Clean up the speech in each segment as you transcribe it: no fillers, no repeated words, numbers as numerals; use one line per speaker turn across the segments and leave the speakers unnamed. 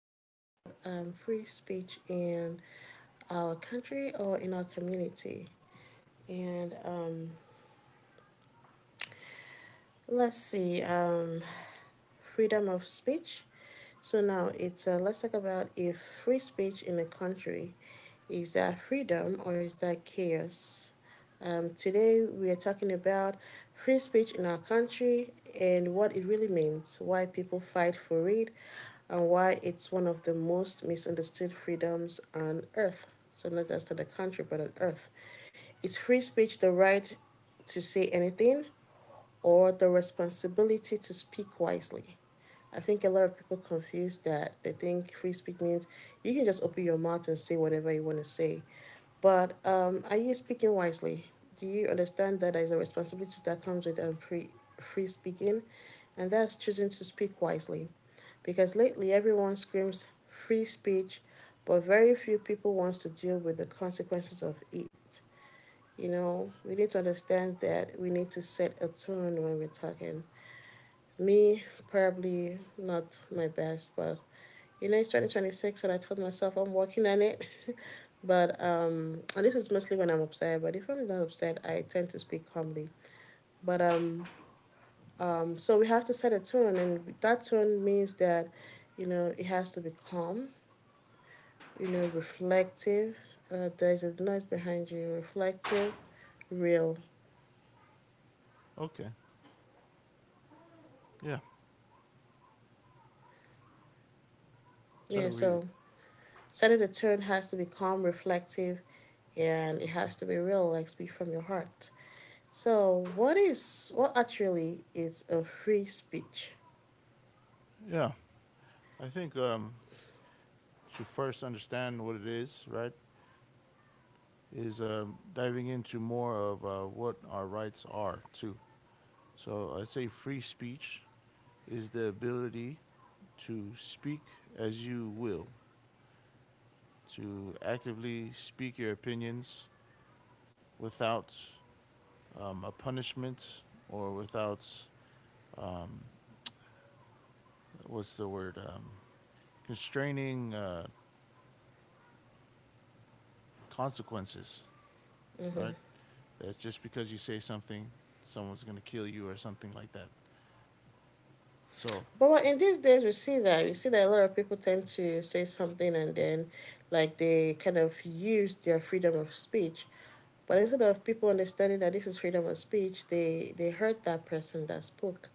talking about free speech in our country or in our community. And let's see, um, freedom of speech. So now it's let's talk about if free speech in a country is that freedom or is that chaos? Today we are talking about free speech in our country and what it really means, why people fight for it, and why it's one of the most misunderstood freedoms on earth. So not just in the country but on earth. Is free speech the right to say anything, or the responsibility to speak wisely? I think a lot of people confuse that. They think free speech means you can just open your mouth and say whatever you want to say. But are you speaking wisely? Do you understand that there's a responsibility that comes with free speaking? And that's choosing to speak wisely. Because lately everyone screams free speech, but very few people wants to deal with the consequences of it. You know, we need to understand that we need to set a tone when we're talking. Me, probably not my best, but you know, it's 2026 and I told myself I'm working on it. But, and this is mostly when I'm upset, but if I'm not upset, I tend to speak calmly. But, so we have to set a tone, and that tone means that, you know, it has to be calm, you know, reflective. There's a noise behind you, reflective, real.
Okay. Yeah.
Yeah,
So
so
we,
setting the tone has to be calm, reflective, and it has to be real, like speak from your heart. So, what actually is a free speech?
yeah, I think to first understand what it is, right, is diving into more of what our rights are too. So I say free speech is the ability to speak as you will, to actively speak your opinions without a punishment or without um, what's the word constraining consequences,
Mm-hmm.
right? That just because you say something, someone's gonna kill you or something like that. So
But well, in these days, we see that a lot of people tend to say something and then, like they kind of use their freedom of speech. But instead of people understanding that this is freedom of speech, they hurt that person that spoke.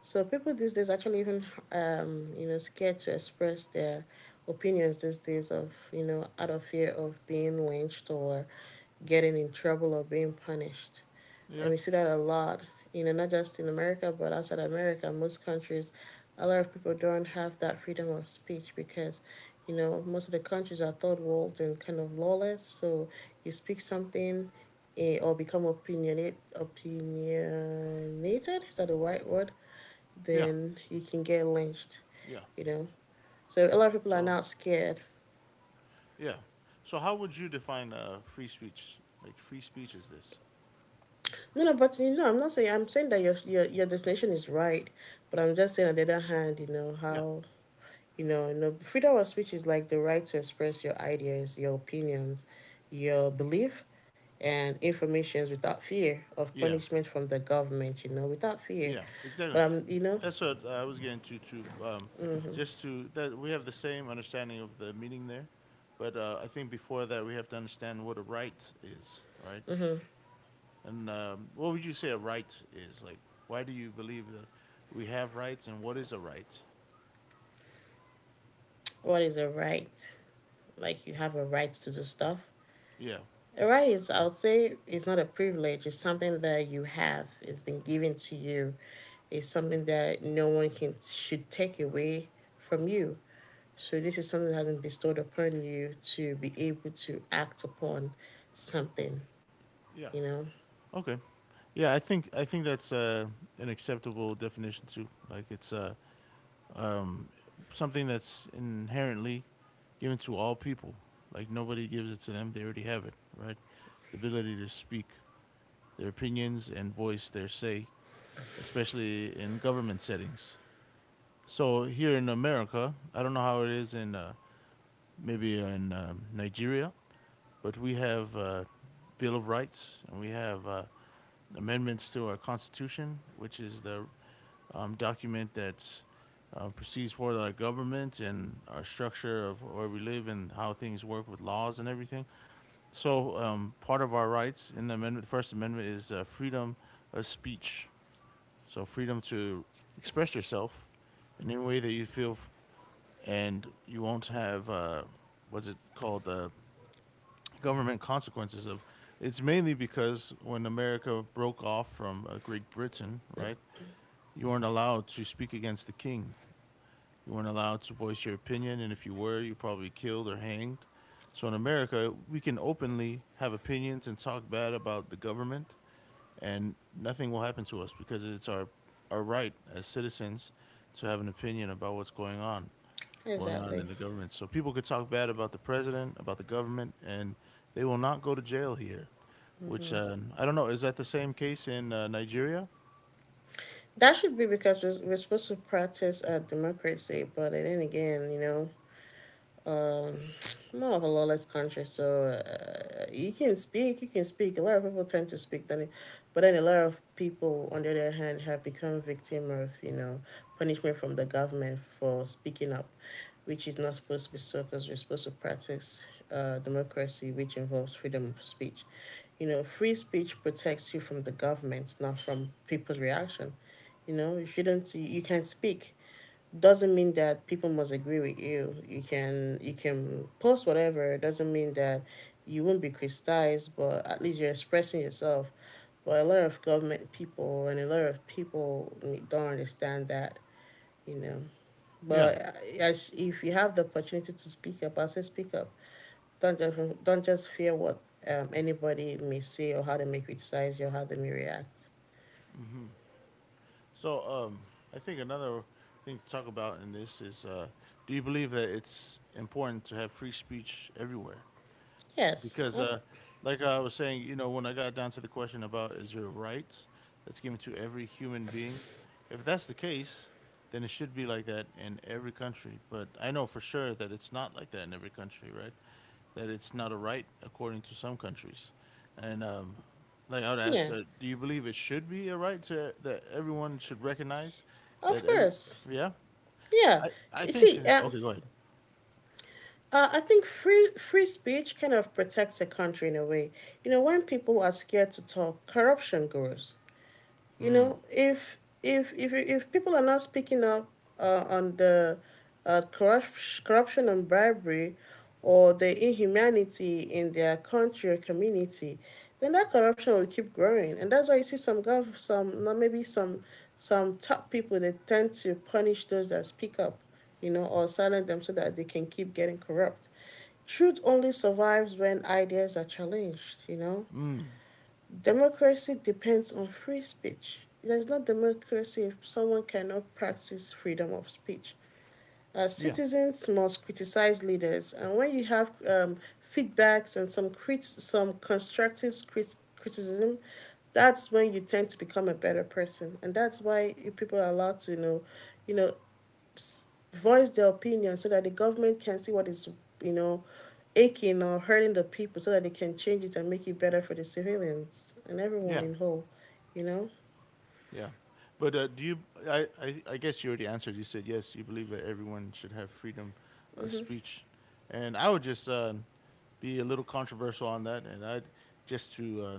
So people these days actually even you know scared to express their opinions these days of you know out of fear of being lynched or getting in trouble or being punished,
yeah,
and we see that a lot. You know, not just in America but outside America, most countries, a lot of people don't have that freedom of speech because you know most of the countries are third world and kind of lawless. So you speak something, or become opinionated, is that the right word?
yeah,
Then you can get lynched,
yeah.
you know. So a lot of people are
So
now scared.
yeah. So how would you define free speech? Like free speech is this?
No, no, but you know, I'm not saying, I'm saying that your definition is right, but I'm just saying on the other hand, you know
Yeah,
how you know you know freedom of speech is like the right to express your ideas, your opinions, your belief, and informations without fear of
yeah,
punishment from the government. You know, without fear,
yeah.
but
Exactly.
I'm you know
That's what I was getting to too. Just to that we have the same understanding of the meaning there, but I think before that we have to understand what a right is, right? And what would you say a right is? Like, why do you believe that we have rights, and what is a right?
what is a right? Like you have a right to the stuff.
Yeah.
Right, it's, I would say it's not a privilege, it's something that you have, it's been given to you. It's something that no one can should take away from you. So this is something that has been bestowed upon you to be able to act upon something,
Yeah.
you know?
Okay. Yeah, I think that's an acceptable definition too. Like it's um, something that's inherently given to all people. Like nobody gives it to them; they already have it, right? The ability to speak their opinions and voice their say, especially in government settings. So here in America, I don't know how it is in maybe in Nigeria, but we have Bill of Rights and we have amendments to our Constitution, which is the document that proceeds for our government and our structure of where we live and how things work with laws and everything. So, part of our rights in the amendment, the First Amendment, is freedom of speech. So, freedom to express yourself in any way that you feel, and you won't have what's it called? Government consequences of it's mainly because when America broke off from Great Britain, right? You weren't allowed to speak against the king. You weren't allowed to voice your opinion, and if you were, you probably killed or hanged. So in America, we can openly have opinions and talk bad about the government, and nothing will happen to us because it's our right as citizens to have an opinion about what's going on
Exactly.
in the government. So people could talk bad about the president, about the government, and they will not go to jail here. Which I don't know. Is that the same case in Nigeria?
That should be because we're supposed to practice democracy, but then again, you know, um more of a lawless country so you can speak, a lot of people tend to speak then, but then a lot of people on the other hand have become victim of you know punishment from the government for speaking up, which is not supposed to be so because we're supposed to practice democracy, which involves freedom of speech. You know, free speech protects you from the government, not from people's reaction. You know, you shouldn't you, you can speak, doesn't mean that people must agree with you. You can post whatever. It doesn't mean that you won't be criticized, but at least you're expressing yourself. But a lot of government people and a lot of people don't understand that, you know.
Yeah.
But as if you have the opportunity to speak up, I say speak up. Don't just fear what anybody may say or how they may criticize you, or how they may react.
So I think another thing to talk about in this is: Do you believe that it's important to have free speech everywhere?
Yes,
Because, like I was saying, you know, when I got down to the question about is there a right that's given to every human being, if that's the case, then it should be like that in every country. But I know for sure that it's not like that in every country, right? That it's not a right according to some countries. And like I would ask,
yeah,
do you believe it should be a right to that everyone should recognize that
of
every
course,
yeah?
yeah.
I
You
think
see,
okay, go ahead.
I think free speech kind of protects a country in a way. You know, when people are scared to talk, corruption grows. You know, if people are not speaking up on the corruption and bribery, or the inhumanity in their country or community, then that corruption will keep growing, and that's why you see some gov some not maybe some top people, they tend to punish those that speak up, you know, or silence them so that they can keep getting corrupt. Truth only survives when ideas are challenged, you know?
Mm,
Democracy depends on free speech. There's not democracy if someone cannot practice freedom of speech.
yeah,
Citizens must criticize leaders, and when you have feedbacks and some constructive criticism, that's when you tend to become a better person, and that's why people are allowed to you know, voice their opinion so that the government can see what is, you know, aching or hurting the people so that they can change it and make it better for the civilians and everyone
yeah.
in whole, you know?
Yeah. But do you? I guess you already answered. You said yes. You believe that everyone should have freedom of
Hmm.
speech, and I would just be a little controversial on that. And I'd just to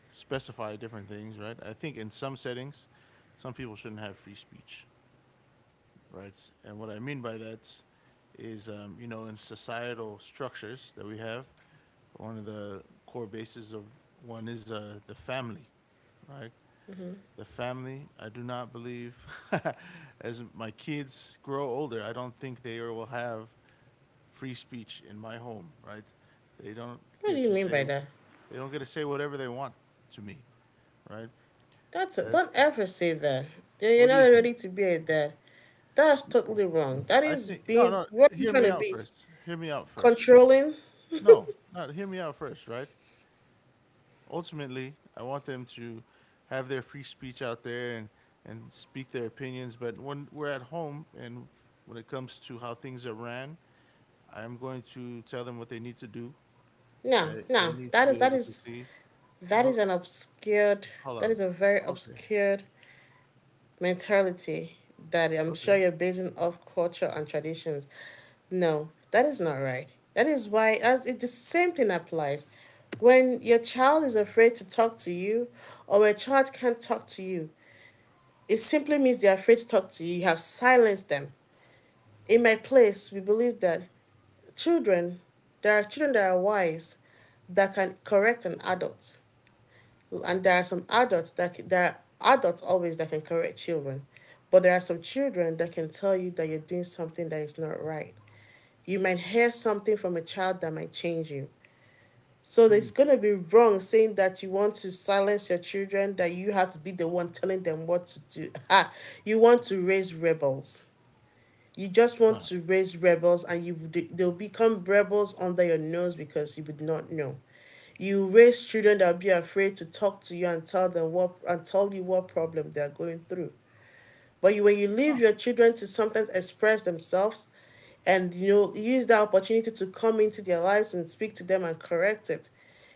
specify different things, right? I think in some settings, some people shouldn't have free speech, right? And what I mean by that is, you know, in societal structures that we have, one of the core bases of one is the family, right? The family. I do not believe as my kids grow older, I don't think they will have free speech in my home, right? They don't
What do
get
you
to
mean
say
by that?
they don't get to say whatever they want to me, right?
That's a,
That's
don't ever say that. Yeah, you're
what do
not
you think?
ready to be a dad. That's totally wrong. That
I
is
think no,
being,
no,
what are you
hear
trying
me
to
out
be?
first. Hear me out first.
Controlling?
No, not hear me out first, right? Ultimately, I want them to have their free speech out there and speak their opinions, but when we're at home and when it comes to how things are ran, I'm going to tell them what they need to do.
No,
I, they
no.
need to
That is
be
that
able to
is
see.
that
Hold,
is an obscured,
hold
that
on.
is a very
Okay.
obscured mentality that I'm sure
Okay.
you're basing off culture and traditions. No, that is not right. That is why as it, the same thing applies. When your child is afraid to talk to you or a child can't talk to you, it simply means they're afraid to talk to you. You have silenced them. In my place, we believe that children, there are children that are wise that can correct an adult, and there are some adults that, there are adults always that can correct children, but there are some children that can tell you that you're doing something that is not right. You might hear something from a child that might change you. So
Hmm.
it's going to be wrong saying that you want to silence your children, that you have to be the one telling them what to do. Ah, you want to raise rebels, you just want
Uh,
to raise rebels and you they'll become rebels under your nose because you would not know. You raise children that will be afraid to talk to you and tell them what and tell you what problem they're going through. But you, when you leave
oh,
your children to sometimes express themselves and you know use that opportunity to come into their lives and speak to them and correct it,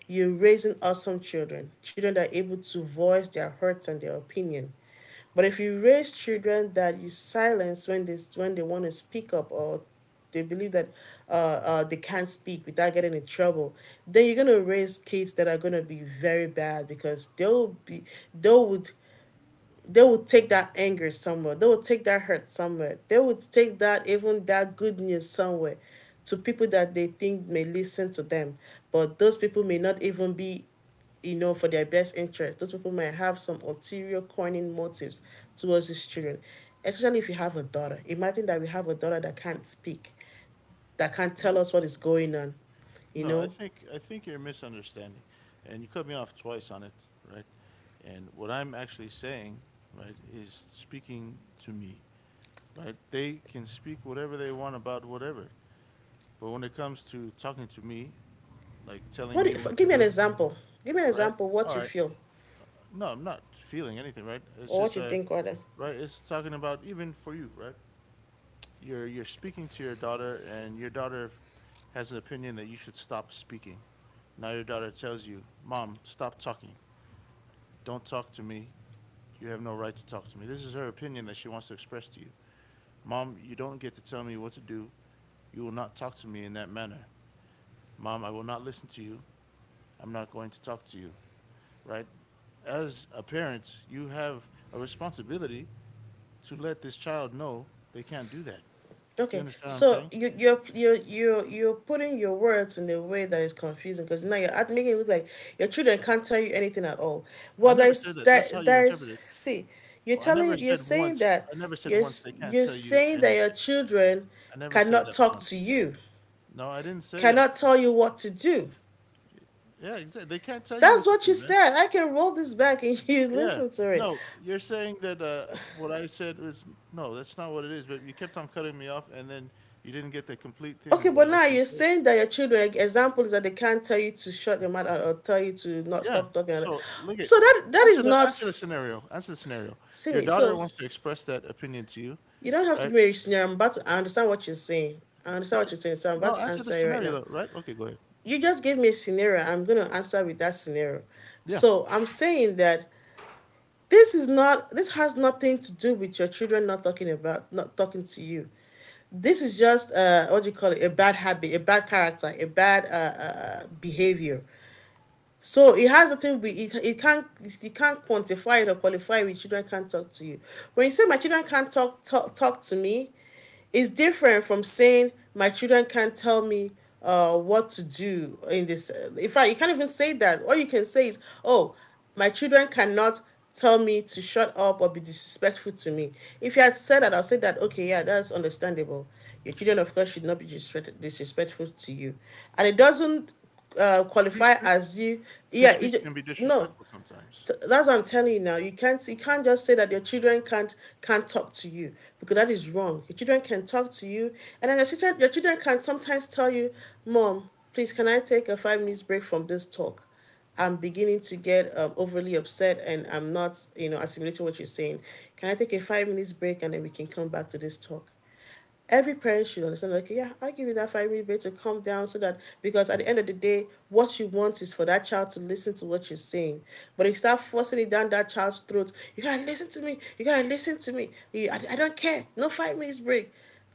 you're raising awesome children, children that are able to voice their hurts and their opinion. But if you raise children that you silence when they want to speak up, or they believe that uh, they can't speak without getting in trouble, then you're gonna raise kids that are gonna be very bad because they'll be they would they will take that anger somewhere. They will take that hurt somewhere. They will take that even that good news somewhere to people that they think may listen to them. But those people may not even be, you know, for their best interest. Those people might have some ulterior corning motives towards these children. Especially if you have a daughter. Imagine that we have a daughter that can't speak, that can't tell
what?
us what is going on. You
No,
know?
I think you're misunderstanding, and you cut me off twice on it, right? And what I'm actually saying, right, is speaking to me, right? They can speak whatever they want about whatever, but when it comes to talking to me, like telling
What
me
if,
what to
give me an
do,
example. Give me an
right?
example of
All
what you
right.
feel
No, I'm not feeling anything, right? It's
or what
just
you
a,
think rather.
right? It's talking about even for you, right? You're speaking to your daughter, and your daughter has an opinion that you should stop speaking. Now your daughter tells you, "Mom, stop talking. Don't talk to me. You have no right to talk to me." This is her opinion that she wants to express to you. Mom, you don't get to tell me what to do. You will not talk to me in that manner. Mom, I will not listen to you. I'm not going to talk to you, right? As a parent, you have a responsibility to let this child know they can't do that. Do you
Okay,
understand what I'm
so
saying?
you're putting your words in a way that is confusing because now you're making it look like your children can't tell you anything at all.
I
Well,
never said
there's
that. That's how
that
you
there's
interpret it.
see, you're
Oh, I never
telling you're
said
saying
once.
that
I never said
you're
once
s-
they can't
you're
tell you
saying that your
anything.
children
I never said
cannot
that
talk to
once.
you,
No, I didn't say that.
cannot tell you what to do.
Yeah, exactly. They can't tell you
That's
what to
what you
do, man.
said. I can roll this back and you
Yeah.
listen to it.
No, you're saying that what I said was no. That's not what it is. But you kept on cutting me off, and then you didn't get the complete thing
Okay,
of what
but
I was
now
trying
you're
to say.
saying that your children example is that they can't tell you to shut your mouth or tell you to not
Yeah.
stop talking.
So look at
So that that is
answer the
not
answer the scenario. Answer the scenario.
see
Your
me.
daughter
So
wants to express that opinion to you,
you don't have to
right?
give me a scenario. I'm about to I understand what you're saying. I understand what you're saying. So I'm about
No,
to
answer the
answer you right
scenario
now.
though, right? Okay, go ahead.
You just gave me a scenario. I'm gonna answer with that scenario.
Yeah.
So I'm saying that this has nothing to do with your children not talking to you. This is just what do you call it? A bad habit, a bad character, a bad behavior. So it has a thing with, it can't, you can't quantify it or qualify it. Children can't talk to you. When you say my children can't talk to me, is different from saying my children can't tell me what to do in this. In fact, you can't even say that. All you can say is, oh, my children cannot tell me to shut up or be disrespectful to me. If you had said that, I'll say that, okay, yeah, that's understandable. Your children, of course, should not be disrespectful to you. And it doesn't
Free
qualify
speech,
as you,
free
yeah,
speech can be
no,
disrespectful sometimes.
so that's what I'm telling you now. You can't just say that your children can't talk to you because that is wrong. Your children can talk to you, and then your sister, your children can sometimes tell you, "Mom, please, can I take a 5 minutes break from this talk? I'm beginning to get overly upset, and I'm not assimilating what you're saying. Can I take a 5 minutes break and then we can come back to this talk?" Every parent should understand, okay, yeah, I give you that 5 minute break to calm down, so that, because at the end of the day, what you want is for that child to listen to what you're saying. But if you start forcing it down that child's throat, you gotta listen to me you gotta listen to me, I don't care, no 5 minutes break.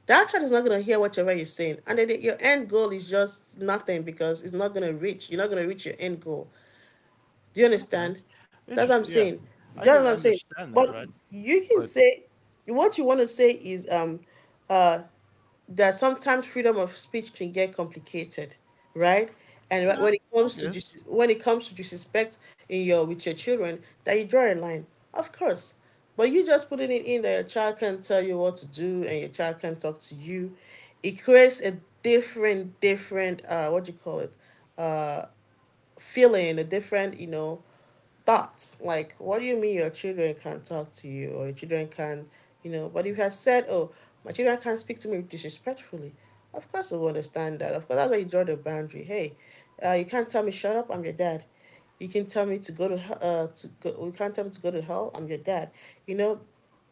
That child is not going to hear whatever you're saying, and then your end goal is just nothing because it's not going to reach you're not going to reach your end goal. Do you
Okay.
understand? That's what I'm
Interesting. Yeah,
saying. You
I
know
can
what I'm saying?
understand that,
But
right?
you can
But
say, what you want to say is uh that sometimes freedom of speech can get complicated, right? And
yeah, I guess.
when it comes to disrespect in your, with your children, that you draw a line, of course. But you just putting it in that your child can't tell you what to do and your child can't talk to you, it creates a different what do you call it, uh feeling, a different thought. Like, what do you mean your children can talk to you or your children can, you know? But if you had said, oh, my children can't speak to me disrespectfully, of course I will understand that. Of course, that's why you draw the boundary. Hey, you can't tell me shut up. I'm your dad. You can tell me to go to hell. To go. You can't tell me to go to hell. I'm your dad. You know,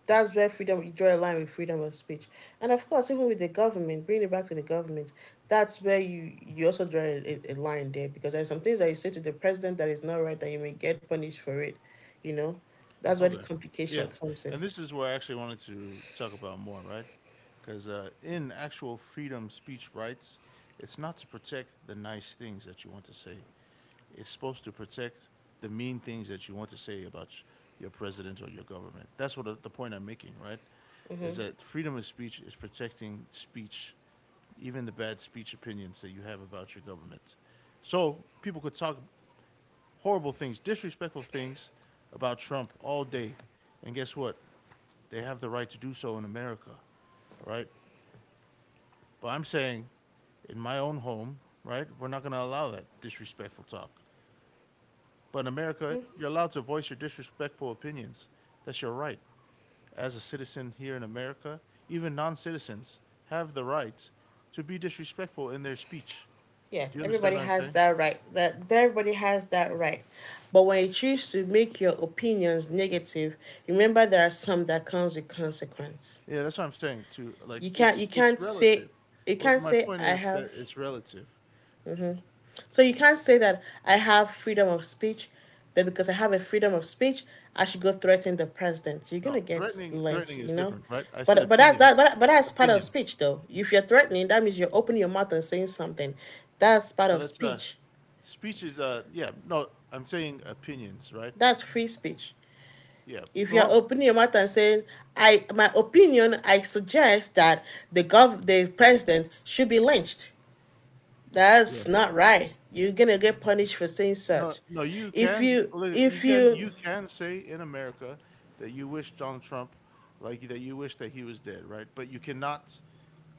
that's where freedom you draw a line with freedom of speech. And of course, even with the government, bring it back to the government, that's where you also draw a line there, because there's some things that you say to the president that is not right, that you may get punished for it, you know. That's where the
Okay. Yeah,
complication comes
and
in.
this is where I actually wanted to talk about more, right? Because in actual freedom speech rights, it's not to protect the nice things that you want to say. It's supposed to protect the mean things that you want to say about your president or your government. That's what the point I'm making, right? Is that freedom of speech is protecting speech, even the bad speech opinions that you have about your government. So people could talk horrible things, disrespectful things about Trump all day. And guess what? They have the right to do so in America, right? But I'm saying in my own home, right? We're not going to allow that disrespectful talk. But in America, you're allowed to voice your disrespectful opinions. That's your right. As a citizen here in America, even non citizens have the right to be disrespectful in their speech.
Yeah,
Do you understand
everybody
what I'm
has
saying?
that right, that everybody has that right. But when you choose to make your opinions negative, remember there are some that comes with consequence.
Yeah, that's what I'm saying too. Like
You can't
it's it's relative.
you
Well,
can't
my
say
point
I
is that
have
it's relative.
So you can't say that I have freedom of speech, that because I have a freedom of speech, I should go threaten the president. You're gonna
No,
get
threatening
lynched,
threatening is
you know.
different, right? I said
But but that's
opinion.
that but, but that's part of
Opinion.
speech though. If you're threatening, that means you're opening your mouth and saying something. That's part
No,
of
that's
speech.
speech is yeah, no, I'm saying opinions, right?
That's free speech.
Yeah.
If you're
Well,
opening your mouth and saying, I, my opinion, I suggest that the president should be lynched.
yeah.
That's not right. You're gonna get punished for saying
No,
such.
no, you can look,
If
you can
you
you can say in America that you wish Donald Trump like that you wish that he was dead, right? But you cannot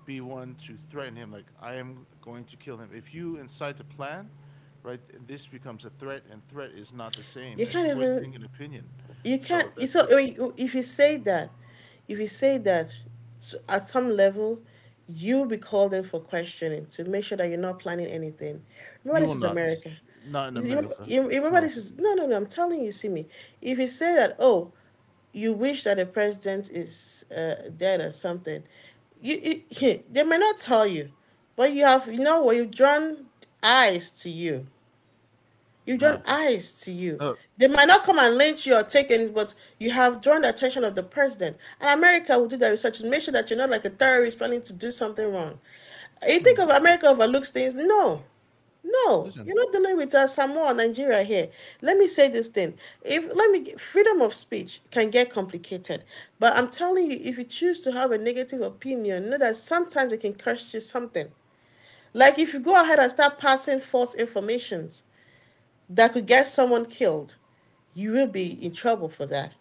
be one to threaten him like I am going to kill him. If you incite a plan, right, this becomes a threat and threat is not the same
You
as
can't even
voicing an opinion.
you can't
So
you
that's
So
different.
if you say that, if you say that at some level, you'll be called in for questioning to make sure that you're not planning anything. Remember,
You will
this is
not
America.
not in
You,
America.
you, you remember
No.
this is No, no, no, I'm telling you, see me. If you say that, oh, you wish that the president is dead or something. They may not tell you, but you have, you know, what you've drawn eyes to you. You've
Nah.
drawn eyes to you.
No.
They might not come and lynch you or take any, but you have drawn the attention of the president. And America will do their research to make sure that you're not like a terrorist planning to do something wrong. You think
Hmm.
of America overlooks things? No. No,
Listen.
you're not dealing with Samoa or Nigeria here. Let me say this thing. If let me get- Freedom of speech can get complicated, but I'm telling you, if you choose to have a negative opinion, know that sometimes it can cost you something. Like if you go ahead and start passing false informations, that could get someone killed, you will be in trouble for that.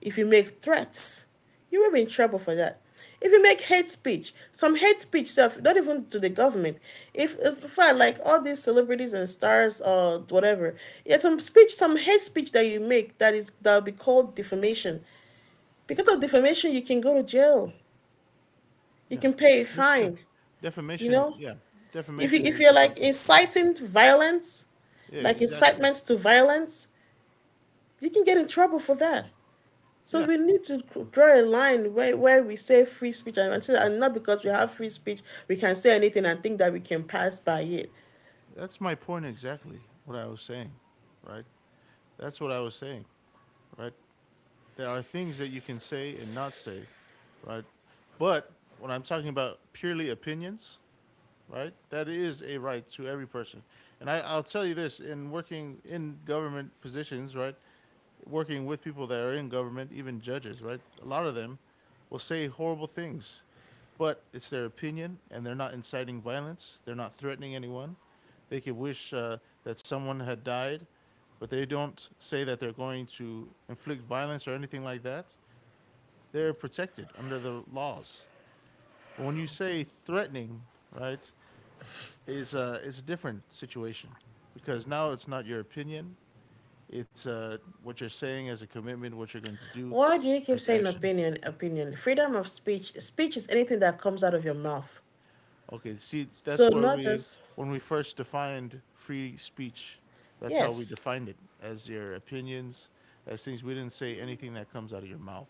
If you make threats, you will be in trouble for that. If you make hate speech, some hate speech stuff, not even to the government. If In fact, like all these celebrities and stars or whatever, yeah, some speech, some hate speech that you make that will be called defamation. Because of defamation, you can go to jail. You
Yeah.
can pay a
That's true.
fine. You
Defamation,
know,
yeah.
if you
Defamation
if
is
you're
definitely
like
consequential.
inciting violence,
Yeah,
like
exactly.
incitements to violence, you can get in trouble for that. So
Yeah,
we need to draw a line where we say free speech, and not because we have free speech we can say anything and think that we can pass by it.
that's my point exactly. What I was saying, right? That's what I was saying, right? There are things that you can say and not say, right? But when I'm talking about purely opinions, right? That is a right to every person. And I, I'll tell you this in working in government positions, right? working with people that are in government, even judges, right? A lot of them will say horrible things, but it's their opinion, and they're not inciting violence. They're not threatening anyone. They could wish that someone had died, but they don't say that they're going to inflict violence or anything like that. They're protected under the laws. But when you say threatening, right, is a different situation because now it's not your opinion, it's what you're saying as a commitment, what you're going to do
Why do you keep
as
saying
action.
opinion, opinion? Freedom of speech. Speech is anything that comes out of your mouth.
Okay, see,
So
that's where
not
we
just
when we first defined free speech, that's how we
yes.
defined it as your opinions, as things we didn't say anything that comes out of your mouth.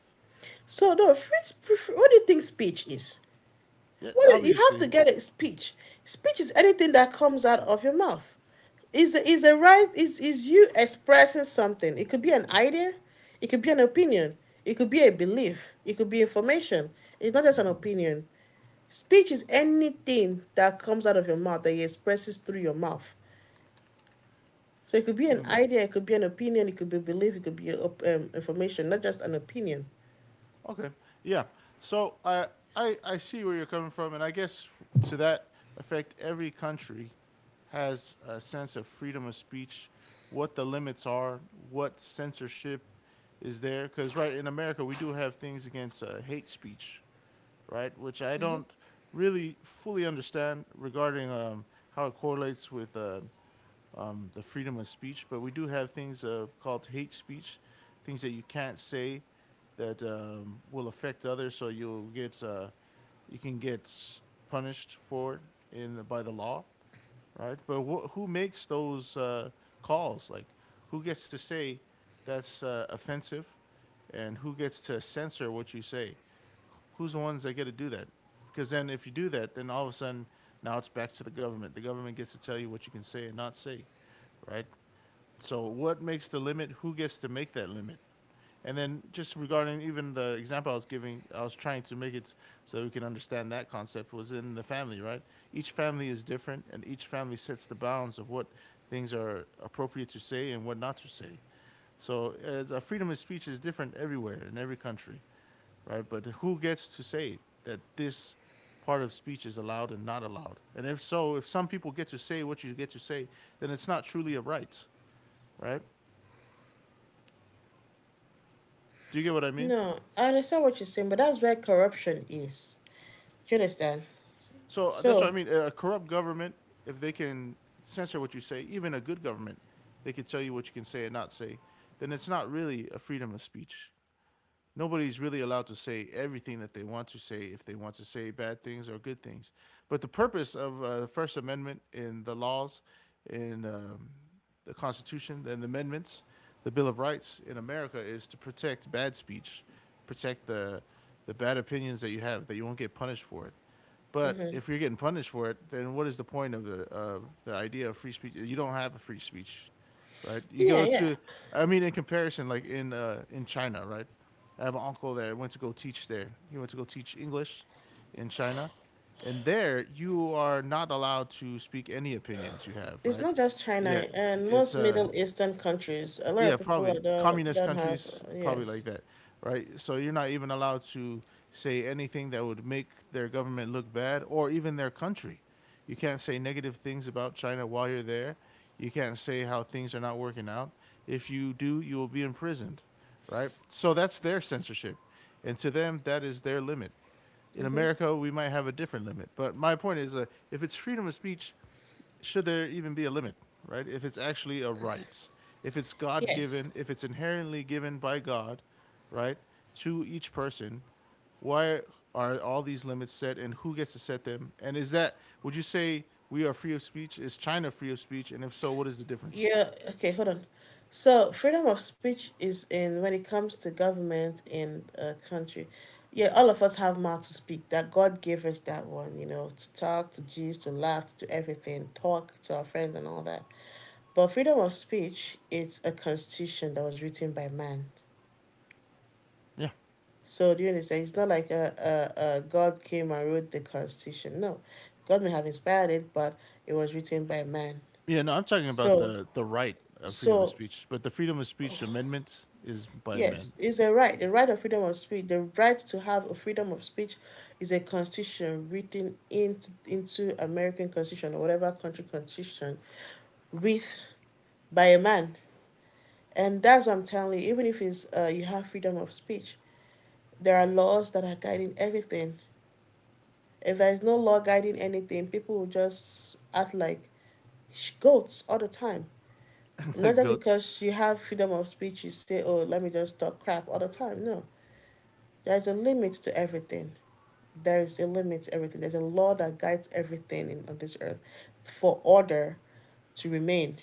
So no free. Sp- What do you think speech is?
Yeah,
Well, you have to
obviously.
get a speech. Speech is anything that comes out of your mouth. Is a right? Is you expressing something? It could be an idea, it could be an opinion, it could be a belief, it could be information. It's not just an opinion. Speech is anything that comes out of your mouth that you expresses through your mouth. So it could be an idea, it could be an opinion, it could be a belief, it could be information, not just an opinion.
Okay. Yeah. So I I see where you're coming from, and I guess to that effect, every country has a sense of freedom of speech, what the limits are, what censorship is there. Because right in America, we do have things against hate speech, right, which I don't really fully understand regarding how it correlates with the freedom of speech, but we do have things called hate speech, things that you can't say that will affect others. So you'll get you can get punished for it in by the law, right? But who makes those calls? Like who gets to say that's offensive, and who gets to censor what you say? Who's the ones that get to do that? Because then if you do that, then all of a sudden now it's back to the government. The government gets to tell you what you can say and not say, right? So what makes the limit? Who gets to make that limit? And then just regarding even the example I was giving, I was trying to make it so that we can understand that concept was in the family, right? Each family is different and each family sets the bounds of what things are appropriate to say and what not to say. So as freedom of speech is different everywhere in every country, right? But who gets to say that this part of speech is allowed and not allowed? And if so, if some people get to say what you get to say, then it's not truly a right, right? Do you get what I mean?
No, I understand what you're saying, but that's where corruption is. Do you understand?
So that's what I
So,
mean. A corrupt government, if they can censor what you say, even a good government, they could tell you what you can say and not say, then it's not really a freedom of speech. Nobody's really allowed to say everything that they want to say if they want to say bad things or good things. But the purpose of the First Amendment in the laws, in the Constitution, and the amendments, the Bill of Rights in America is to protect bad speech, protect the bad opinions that you have that you won't get punished for it. But if you're getting punished for it, then what is the point of the idea of free speech? You don't have a free speech, right? You
yeah,
go
yeah.
to, I mean, in comparison, like in China, right? I have an uncle there. Went to go teach there. He went to go teach English in China, and there you are not allowed to speak any opinions you have,
It's
right?
not just China
Yet
and
it's
most Middle
a
Eastern countries. A lot of
yeah,
people are
probably communist
don't have
countries, probably
yes.
like that, right? So you're not even allowed to say anything that would make their government look bad or even their country. You can't say negative things about China while you're there. You can't say how things are not working out. If you do, you will be imprisoned, right? So that's their censorship. And to them, that is their limit. In America, we might have a different limit. But my point is, if it's freedom of speech, should there even be a limit, right? If it's actually a right, if it's God
Yes.
given, if it's inherently given by God, right, to each person, why are all these limits set and who gets to set them? And is that, would you say we are free of speech? Is China free of speech? And if so, what is the difference?
Yeah, okay, hold on. So, freedom of speech is in when it comes to government in a country. Yeah, all of us have mouth to speak. That God gave us that one, you know, to talk, to gist, to laugh, to do everything, talk to our friends and all that. But freedom of speech, it's a constitution that was written by man.
Yeah.
So do you understand? It's not like a God came and wrote the Constitution. No, God may have inspired it, but it was written by man.
Yeah, no, I'm talking about
So
the right of freedom of
so
speech, but the freedom of speech amendment is by men,
yes, it's a right. The right of freedom of speech, the right to have a freedom of speech, is a constitution written into American Constitution or whatever country constitution, with by a man. And that's what I'm telling you. Even if it's you have freedom of speech, there are laws that are guiding everything. If there's no law guiding anything, people will just act like goats all the time. Not
like
just
goats.
because you have freedom of speech, you say, oh, let me just talk crap all the time. No, there's a limit to everything. There is a limit to everything. There's a law that guides everything on this earth for order to remain,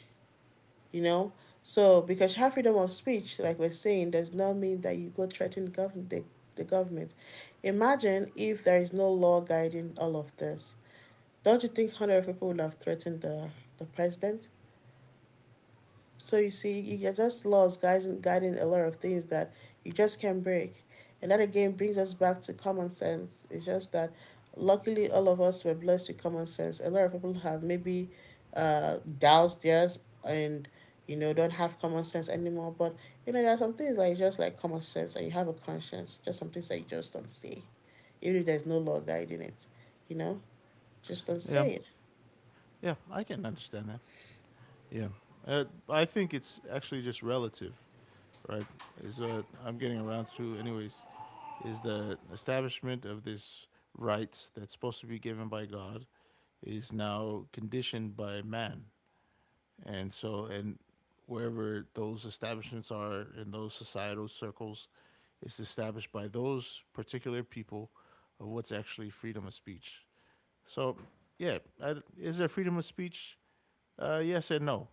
you know? So, because you have freedom of speech, like we're saying, does not mean that you go threaten the government. Imagine if there is no law guiding all of this. Don't you think 100s of people would have threatened the president? So you see, you get just laws guiding a lot of things that you just can't break. And that again brings us back to common sense. It's just that luckily all of us were blessed with common sense. A lot of people have maybe doused theirs and don't have common sense anymore. But there are some things like just like common sense and you have a conscience. Just some things that you just don't say, even if there's no law guiding it. You know, just don't
Yeah.
say it.
Yeah, I can understand that. Yeah. I think it's actually just relative, right, is what I'm getting around to, anyways, is the establishment of this right that's supposed to be given by God is now conditioned by man. And so, and wherever those establishments are in those societal circles, it's established by those particular people of what's actually freedom of speech. So, yeah, I, is there freedom of speech? Yes and no,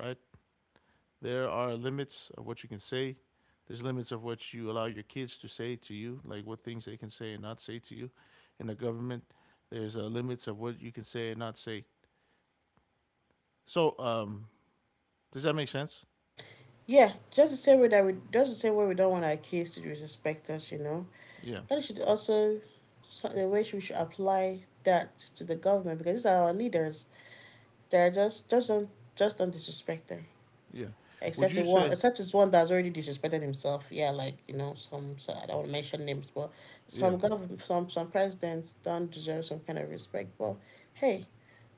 right? There are limits of what you can say. There's limits of what you allow your kids to say to you, like what things they can say and not say to you. In the government, there's limits of what you can say and not say. So, does that make sense?
Yeah, just the same way that we just the same way we don't want our kids to disrespect us.
Yeah,
That should also the way we should apply that to the government because these are our leaders. They're just don't just don't disrespect them.
yeah. Would you say,
Except it's one that's already disrespected himself. Yeah, like, you know, some so I don't want to mention names, but
yeah,
some presidents don't deserve some kind of respect. But hey,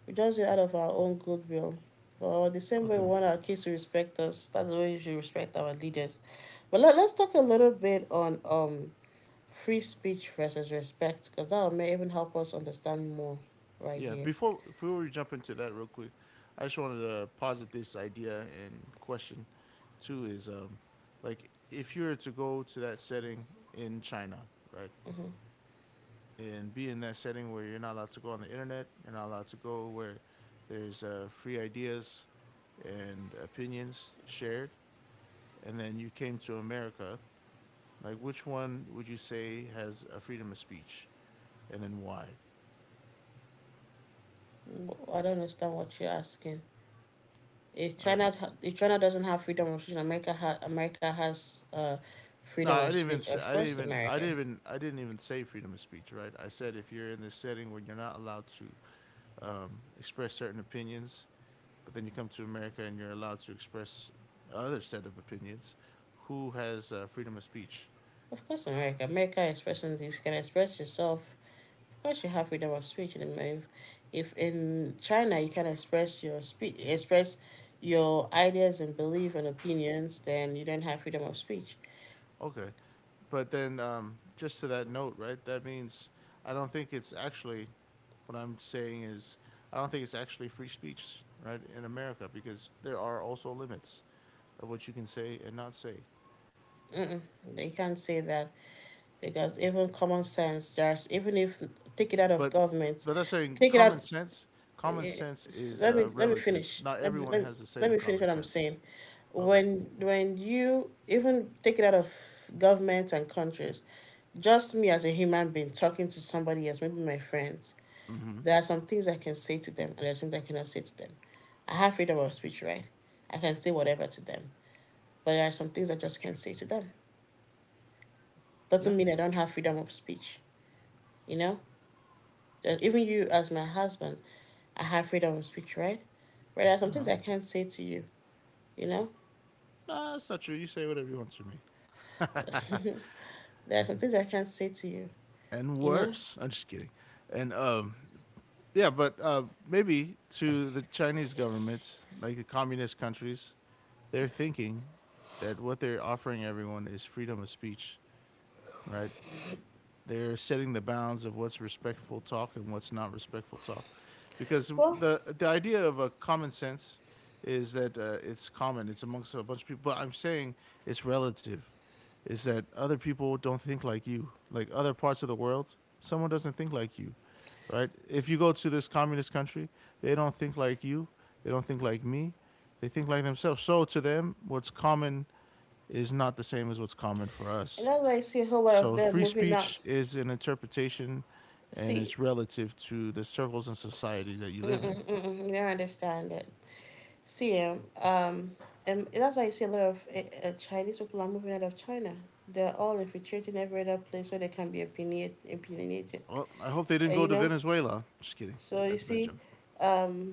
we just do it out of our own goodwill. Well, the same way we
okay,
want our kids to respect us, that's the way we should respect our leaders. But let's talk a little bit on free speech versus respect, because that may even help us understand more right
yeah?
here.
Before we jump into that real quick, I just wanted to posit this idea and question too is like if you were to go to that setting in China, right? And be in that setting where you're not allowed to go on the internet, you're not allowed to go where there's free ideas and opinions shared, and then you came to America, like which one would you say has a freedom of speech, and then why?
Mm-hmm. I don't understand what you're asking. If
All right.
China if China doesn't have freedom of speech, America has
No,
freedom
I
of
didn't even
speech.
say
Of
I didn't
course,
even I
America.
didn't even I didn't even say freedom of speech, right? I said if you're in this setting where you're not allowed to express certain opinions. But then you come to America and you're allowed to express other set of opinions. Who has freedom of speech?
Of course, America. America expressing if you can express yourself. Once you have freedom of speech in America. If in China you can express your speech, express your ideas and belief and opinions, then you don't have freedom of speech.
Okay, but then just to that note, right? That means I don't think it's actually what I'm saying is I don't think it's actually free speech, right, in America because there are also limits of what you can say and not say.
Mm-mm, they can't say that because even common sense, there's even if take it out of
But
government,
but that's saying
take it out
common sense. Common
eh,
sense is
let me
relative.
finish.
Not everyone has the same
Let me finish
common
what I'm
sense.
saying.
Okay.
When you even take it out of governments and countries, just me as a human being talking to somebody else, maybe my friends,
Mm-hmm.
there are some things I can say to them and there are some things I cannot say to them. I have freedom of speech, right? I can say whatever to them, but there are some things I just can't say to them.
Yeah.
Doesn't mean I don't have freedom of speech, you know. Even you as my husband, I have freedom of speech, right? But there are
Uh
some things
huh.
I can't say to you, you know.
Nah, that's not true. You say whatever you want to me.
There are some things I can't say to you,
And
you know.
worse. I'm just kidding. And yeah, but maybe to the Chinese government, like the communist countries, they're thinking that what they're offering everyone is freedom of speech, right? They're setting the bounds of what's respectful talk and what's not respectful talk, because
Well,
the idea of a common sense is that it's common. It's amongst a bunch of people. But I'm saying it's relative. Is that other people don't think like you, like other parts of the world. Someone doesn't think like you, right? If you go to this communist country, they don't think like you. They don't think like me. They think like themselves. So to them, what's common is not the same as what's common for
and
us.
that's why I see a whole lot of
So
them
free
moving out.
speech is an interpretation and
See,
it's relative to the circles and society that you live in.
mm-mm, mm-mm, you don't understand it. See, um, and that's why you see a lot of Chinese people are moving out of China. They're all infiltrating every other place where they can be opinionated.
Well, I hope they didn't
uh,
go
you
to
know
Venezuela. Just kidding.
so you
That's a bad
see,
joke.
um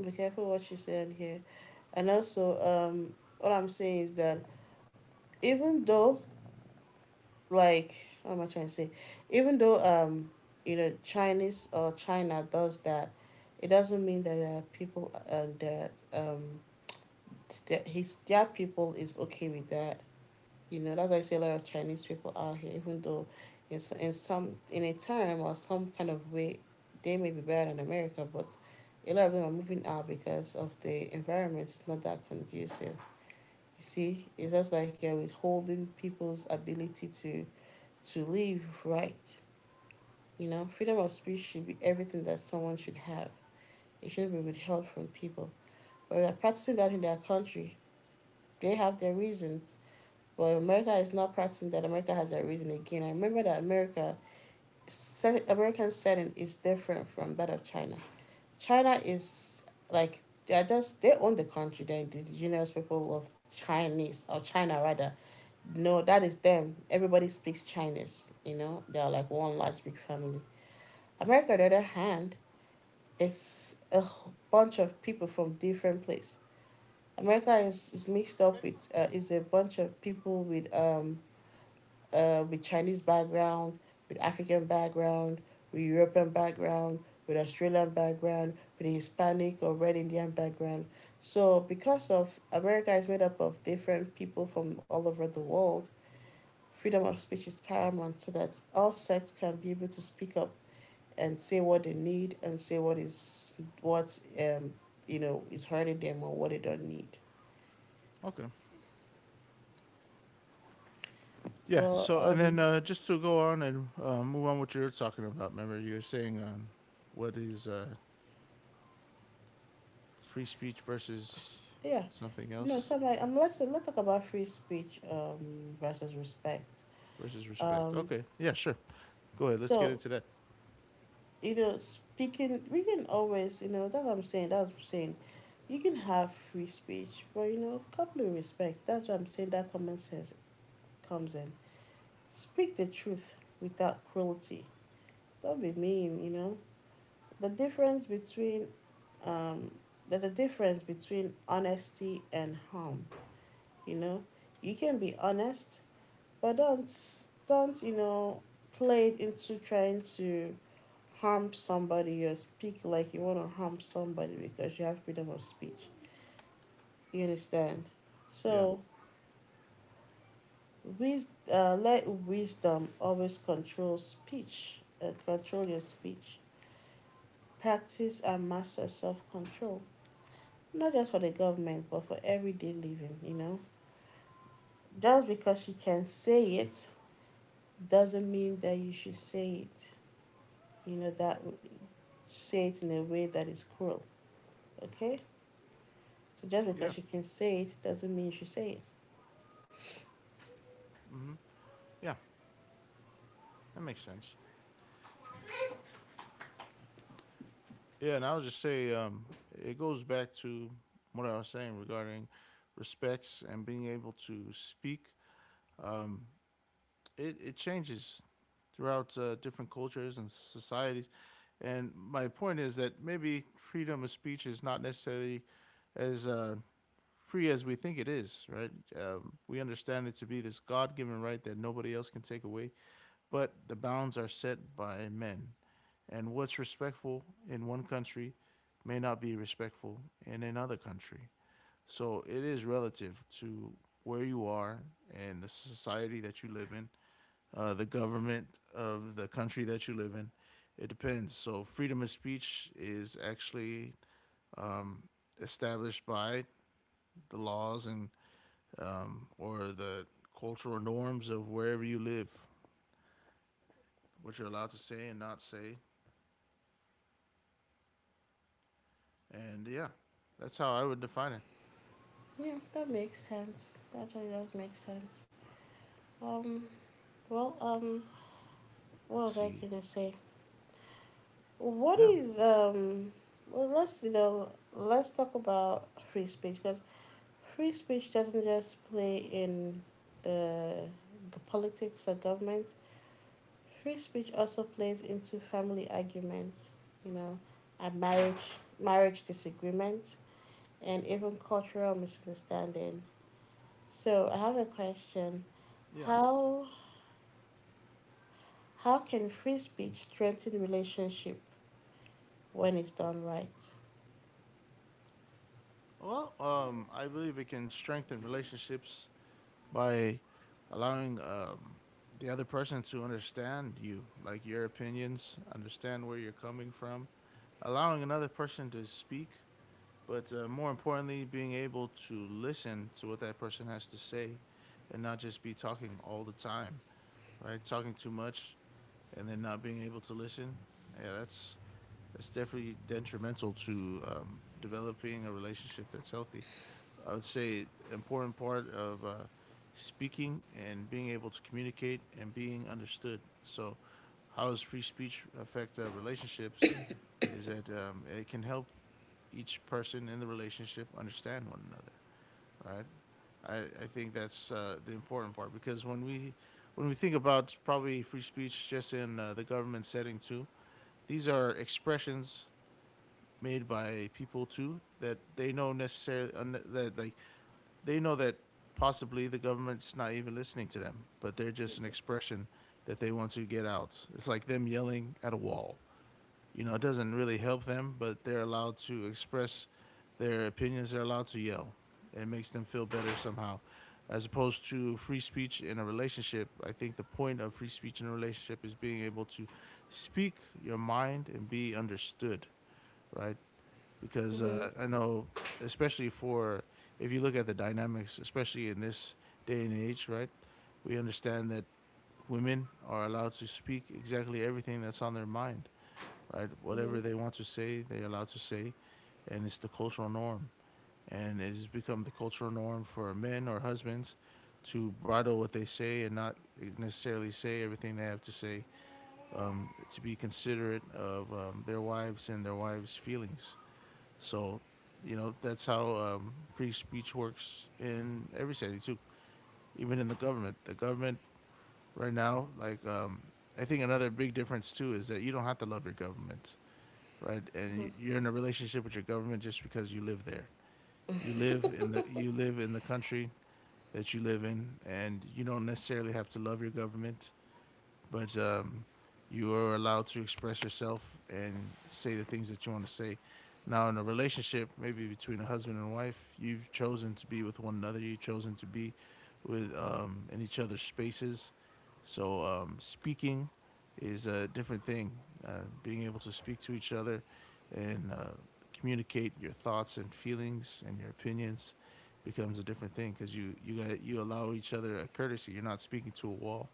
be careful what you say on here. And also, um what I'm saying is that even though, like what am I trying to say? Even though, Chinese or China does that, it doesn't mean that there are people that that his their people is okay with that. You know, that's why I say a lot of Chinese people out here, even though in some in a term or some kind of way, they may be better than America, but a lot of them are moving out because of the environment is not that conducive. You see, it's just like you're withholding people's ability to live right. You know, freedom of speech should be everything that someone should have. It shouldn't be withheld from people. But they're practicing that in their country. They have their reasons. But America is not practicing that. America has their reason again. I remember that America, American setting is different from that of China. China is, like, they are just they own the country, the indigenous people of Chinese or China rather. No, that is them, everybody speaks Chinese, you know, they are like one large big family. America, on the other hand, is a bunch of people from different places. America is mixed up with is a bunch of people with Chinese background, with African background, with European background, with Australian background, with Hispanic or Red Indian background. So because of America is made up of different people from all over the world, freedom of speech is paramount so that all sects can be able to speak up and say what they need and say what is, what you know, is hurting them or what they don't need.
Okay. Yeah.
Well,
So, and then just to go on and move on what you're talking about, remember, you're saying what is free speech versus
yeah,
something
you know,
else
so I'm like, let's talk about free speech versus respect.
versus respect.
Um,
Okay. Yeah, sure. Go ahead. Let's get
so
into that.
you know, speaking, we can always, you know, That's what I'm saying. You can have free speech, but you know, couple of respect. That's what I'm saying. That common sense comes in. Speak the truth without cruelty. Don't be mean, you know. The difference between, um, there's a difference between honesty and harm. You know, you can be honest, but don't, you know, play it into trying to harm somebody or speak like you want to harm somebody because you have freedom of speech. You understand?
Yeah.
So, let wisdom always control speech, control your speech. Practice and master self control. Not just for the government, but for everyday living, you know. Just because she can say it doesn't mean that you should say it, you know, that say it in a way that is cruel, okay? So just
Yeah.
because she can say it doesn't mean you should say it.
Hmm. Yeah. That makes sense. Yeah, and I would just say it goes back to what I was saying regarding respects and being able to speak. Um, it, it changes throughout different cultures and societies. And my point is that maybe freedom of speech is not necessarily as free as we think it is, right? We understand it to be this God given right that nobody else can take away but the bounds are set by men. And what's respectful in one country may not be respectful in another country. So it is relative to where you are and the society that you live in, the government of the country that you live in. It depends. So freedom of speech is actually established by the laws and or the cultural norms of wherever you live, what you're allowed to say and not say. And yeah, that's how I would define it.
Yeah, that makes sense. That really does make sense. Um, well, um, what
Let's
was I
see.
gonna say? What
Yeah,
is Well, let's talk about free speech because free speech doesn't just play in uh, the politics or government. Free speech also plays into family arguments, you know, and marriage disagreements, and even cultural misunderstanding. So I have a question:
yeah.
how can free speech strengthen relationship when it's done right?
Well, I believe it can strengthen relationships by allowing the other person to understand you, like your opinions, understand where you're coming from, allowing another person to speak, but more importantly, being able to listen to what that person has to say and not just be talking all the time, right? Talking too much and then not being able to listen. Yeah, that's it's definitely detrimental to developing a relationship that's healthy. I would say the important part of speaking and being able to communicate and being understood. So, how does free speech affect relationships? Is that it can help each person in the relationship understand one another, right? I think that's the important part because when we think about probably free speech just in the government setting too. These are expressions made by people too that they know necessarily that they know that possibly the government's not even listening to them, but they're just an expression that they want to get out. It's like them yelling at a wall. It doesn't really help them, but they're allowed to express their opinions. They're allowed to yell. It makes them feel better somehow. As opposed to free speech in a relationship, I think the point of free speech in a relationship is being able to speak your mind and be understood, right? Because
Mm-hmm,
I know, especially for, if you look at the dynamics, especially in this day and age, right? We understand that women are allowed to speak exactly everything that's on their mind, right?
mm-hmm,
Whatever they want to say, they're allowed to say, and it's the cultural norm. And it has become the cultural norm for men or husbands to bridle what they say and not necessarily say everything they have to say, to be considerate of their wives and their wives' feelings. So, that's how free speech works in every city too, even in the government. The government right now, I think another big difference too is that you don't have to love your government, right? And
mm-hmm.
you're in a relationship with your government just because you live there. You live in the, you live in the country that you live in, and you don't necessarily have to love your government, but you are allowed to express yourself and say the things that you want to say. Now, in a relationship, maybe between a husband and wife, you've chosen to be with one another. You've chosen to be with, in each other's spaces. So, speaking is a different thing. Being able to speak to each other and communicate your thoughts and feelings and your opinions becomes a different thing because you got, you allow each other a courtesy. You're not speaking to a wall.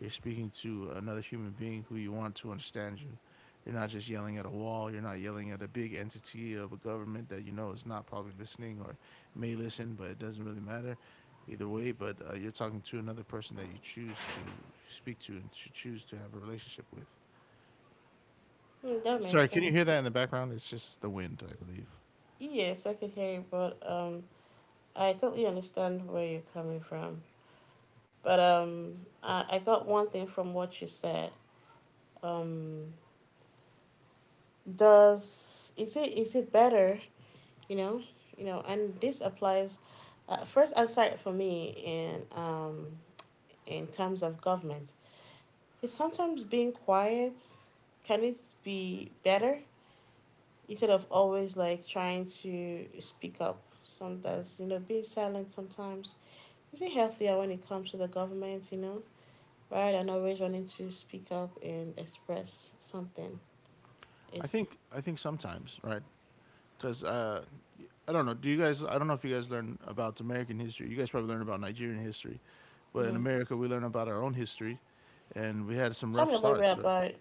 You're speaking to another human being who you want to understand you. You're not just yelling at a wall. You're not yelling at a big entity of a government that you know is not probably listening, or may listen, but it doesn't really matter either way. But you're talking to another person that you choose to speak to and to choose to have a relationship with.
That
Sorry,
makes
can you hear
sense.
that in the background? It's just the wind, I believe.
Yes, I can hear you, but I totally understand where you're coming from, but I got one thing from what you said. Um, does, is it better? You know, you know, and this applies. First aside for me in terms of government, is sometimes being quiet. Can it be better instead of always like trying to speak up? Sometimes, you know, being silent sometimes, is it healthier when it comes to the government? You know, rather than always wanting to speak up and express something.
I
Is
think I think sometimes, right? Because I don't know. Do you guys? I don't know if you guys learn about American history. You guys probably learn about Nigerian history, but in
Mm-hmm.
America we learn about our own history, and we had some
Tell
rough
me a little bit
starts. Right?
about it.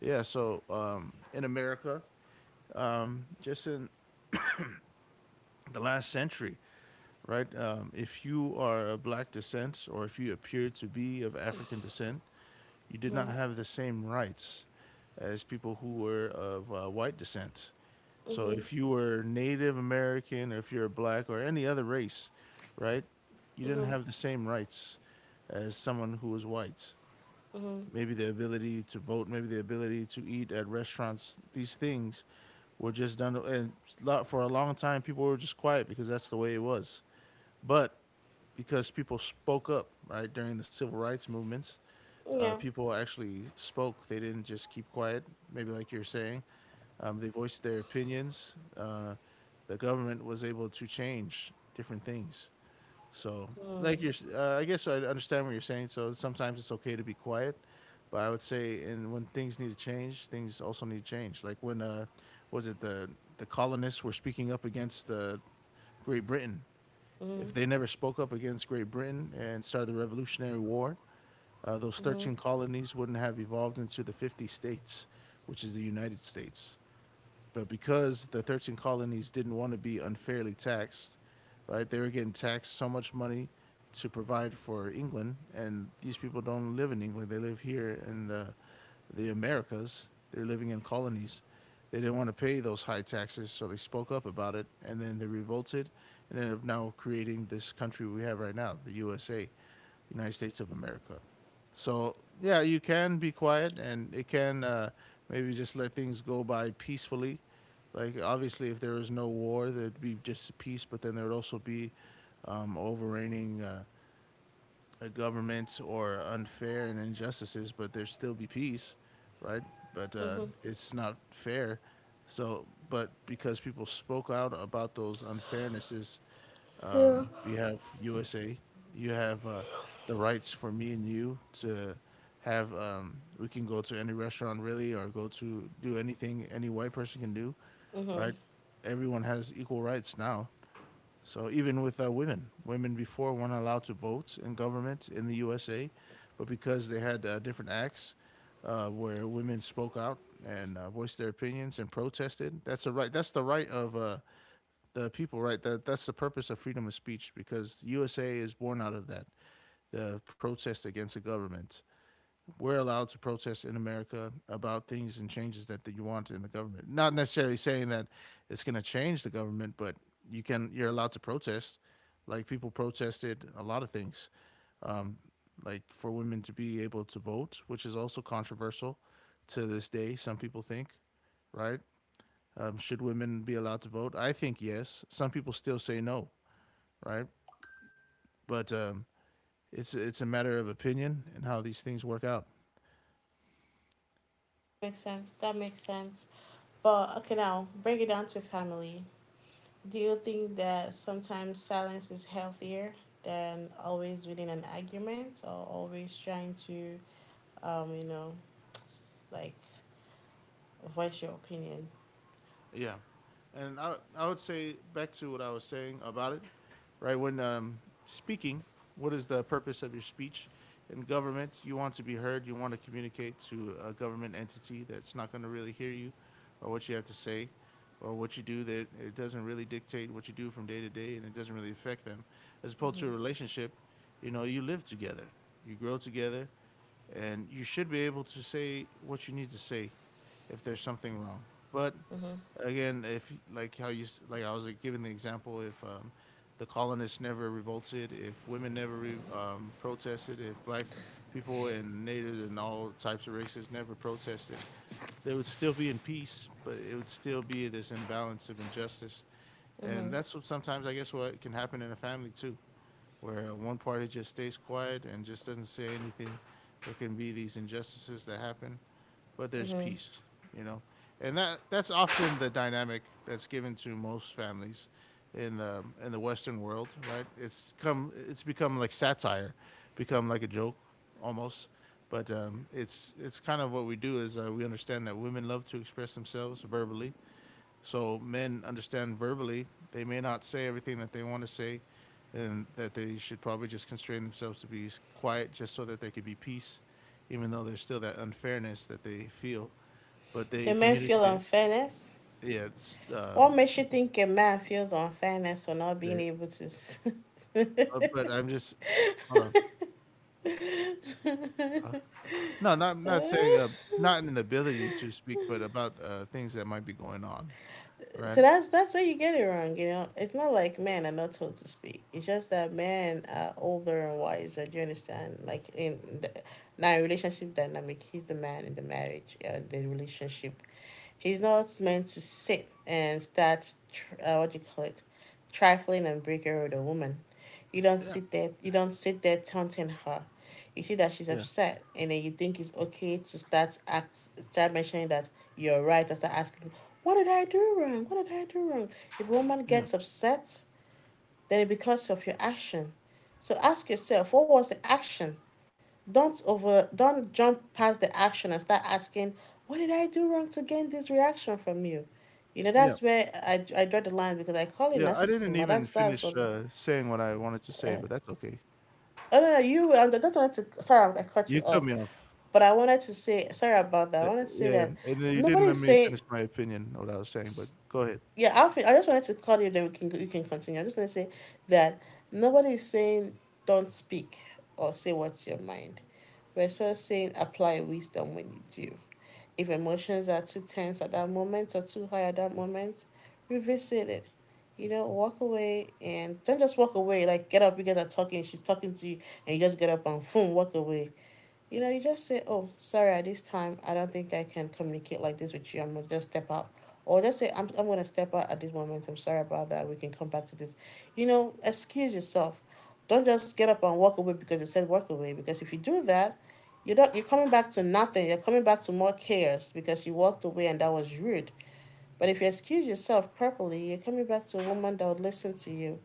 Yeah. So in America, just in the last century, right? If you are of black descent or if you appear to be of African descent, you did not
Mm-hmm.
have the same rights as people who were of white descent. So
Mm-hmm.
if you were Native American or if you're black or any other race, right, you didn't
Mm-hmm.
have the same rights as someone who was white.
Mm-hmm.
Maybe the ability to vote, maybe the ability to eat at restaurants, these things were just done. And for a long time, people were just quiet because that's the way it was. But because people spoke up, right, during the civil rights movements,
Yeah.
people actually spoke. They didn't just keep quiet, maybe like you're saying. They voiced their opinions. The government was able to change different things. So,
Mm-hmm.
like you're, I guess I understand what you're saying. So sometimes it's okay to be quiet, but I would say, and when things need to change, things also need to change. Like when, was it the colonists were speaking up against Great Britain?
Mm-hmm.
If they never spoke up against Great Britain and started the Revolutionary War, those 13 colonies wouldn't have evolved into the 50 states, which is the United States. But because the 13 colonies didn't want to be unfairly taxed, right? They were getting taxed so much money to provide for England, and these people don't live in England. They live here in the Americas. They're living in colonies. They didn't want to pay those high taxes, so they spoke up about it, and then they revolted, and ended up now creating this country we have right now, the USA, United States of America. So yeah, you can be quiet, and it can maybe just let things go by peacefully. Like obviously, if there was no war, there'd be just peace, but then there'd also be overreigning a government or unfair and injustices, but there still be peace, right? But
Mm-hmm.
it's not fair. So, but because people spoke out about those unfairnesses,
Yeah.
we have USA. You have the rights for me and you to have. We can go to any restaurant really, or go to do anything any white person can do,
Mm-hmm.
right? Everyone has equal rights now. So even with women, women before weren't allowed to vote in government in the USA, but because they had different acts where women spoke out and voiced their opinions and protested, that's the right. That's the right of the people, right? That that's the purpose of freedom of speech because USA is born out of that, the protest against the government. We're allowed to protest in America about things and changes that, that you want in the government. Not necessarily saying that it's going to change the government, but you're allowed to protest. Like people protested a lot of things, um, like for women to be able to vote, which is also controversial to this day. Some people think, right? Should women be allowed to vote? I think yes. Some people still say no, right? But it's a matter of opinion and how these things work out.
Makes sense. That makes sense. But okay, now bring it down to family. Do you think that sometimes silence is healthier than always within an argument or always trying to, you know, s- like voice your opinion?
Yeah, and I would say back to what I was saying about it, right? When speaking, what is the purpose of your speech? In government, you want to be heard. You want to communicate to a government entity that's not going to really hear you, or what you have to say, or what you do. That it doesn't really dictate what you do from day to day, and it doesn't really affect them. As opposed to a relationship, you know, you live together, you grow together, and you should be able to say what you need to say if there's something wrong. But
Mm-hmm.
again, if like how you like I was like, giving the example, if the colonists never revolted, if women never protested, if black people and natives and all types of races never protested, they would still be in peace, but it would still be this imbalance of injustice.
Mm-hmm.
And that's what sometimes I guess what can happen in a family too, where one party just stays quiet and just doesn't say anything. There can be these injustices that happen, but there's
Mm-hmm.
peace, you know, and that's often the dynamic that's given to most families in the, in the Western world, right? It's become like satire, become like a joke almost. But it's kind of what we do is we understand that women love to express themselves verbally, so men understand verbally. They may not say everything that they want to say, and that they should probably just constrain themselves to be quiet just so that there could be peace, even though there's still that unfairness that they feel. But
The
they
men feel
communicate.
unfairness.
Yeah, it's,
What makes you think a man feels unfairness for not being
eh,
able to?
but I'm just, hold on. Huh? No, not not saying not in the ability to speak, but about things that might be going on,
So
right?
that's where you get it wrong. You know, it's not like men are not told to speak. It's just that men are older and wiser. Do you understand? Like in the now relationship dynamic, he's the man in the marriage. Yeah, the relationship. He's not meant to sit and start, what do you call it, trifling and breaking with a woman. You don't
Yeah,
sit there. You don't sit there taunting her. You see that she's
yeah,
upset, and then you think it's okay to start mentioning that you're right, or start asking, "What did I do wrong? What did I do wrong?" If a woman
yeah,
gets upset, then it because of your action. So ask yourself, what was the action? Don't jump past the action and start asking, what did I do wrong to gain this reaction from you? You know,
yeah,
I draw the line because I call it
yeah. I
narcissism,
didn't
but
even
that's
finish
what.
saying what I wanted to say,
uh,
but that's okay.
oh no, no, you were on, don't want to, sorry I cut you
You cut
off,
me off.
but I wanted to say sorry about that. I
Uh,
wanted to say
yeah,
that
and then you
nobody
didn't let
is
me
saying,
finish my opinion of what I was saying, but go ahead.
yeah I feel, I just wanted to call you then we can, you can continue. I just want to say that nobody is saying don't speak or say what's your mind. We're just saying apply wisdom when you do. If emotions are too tense at that moment or too high at that moment, revisit it. You know, walk away and don't just walk away. Like, get up, you guys are talking, she's talking to you, and you just get up and boom, walk away. You know, you just say, oh, sorry, at this time, I don't think I can communicate like this with you. I'm going to just step out. Or just say, I'm going to step out at this moment. I'm sorry about that. We can come back to this. You know, excuse yourself. Don't just get up and walk away because you said walk away. Because if you do that, you're coming back to nothing. You're coming back to more chaos because you walked away and that was rude. But if you excuse yourself properly, you're coming back to a woman that would listen to you.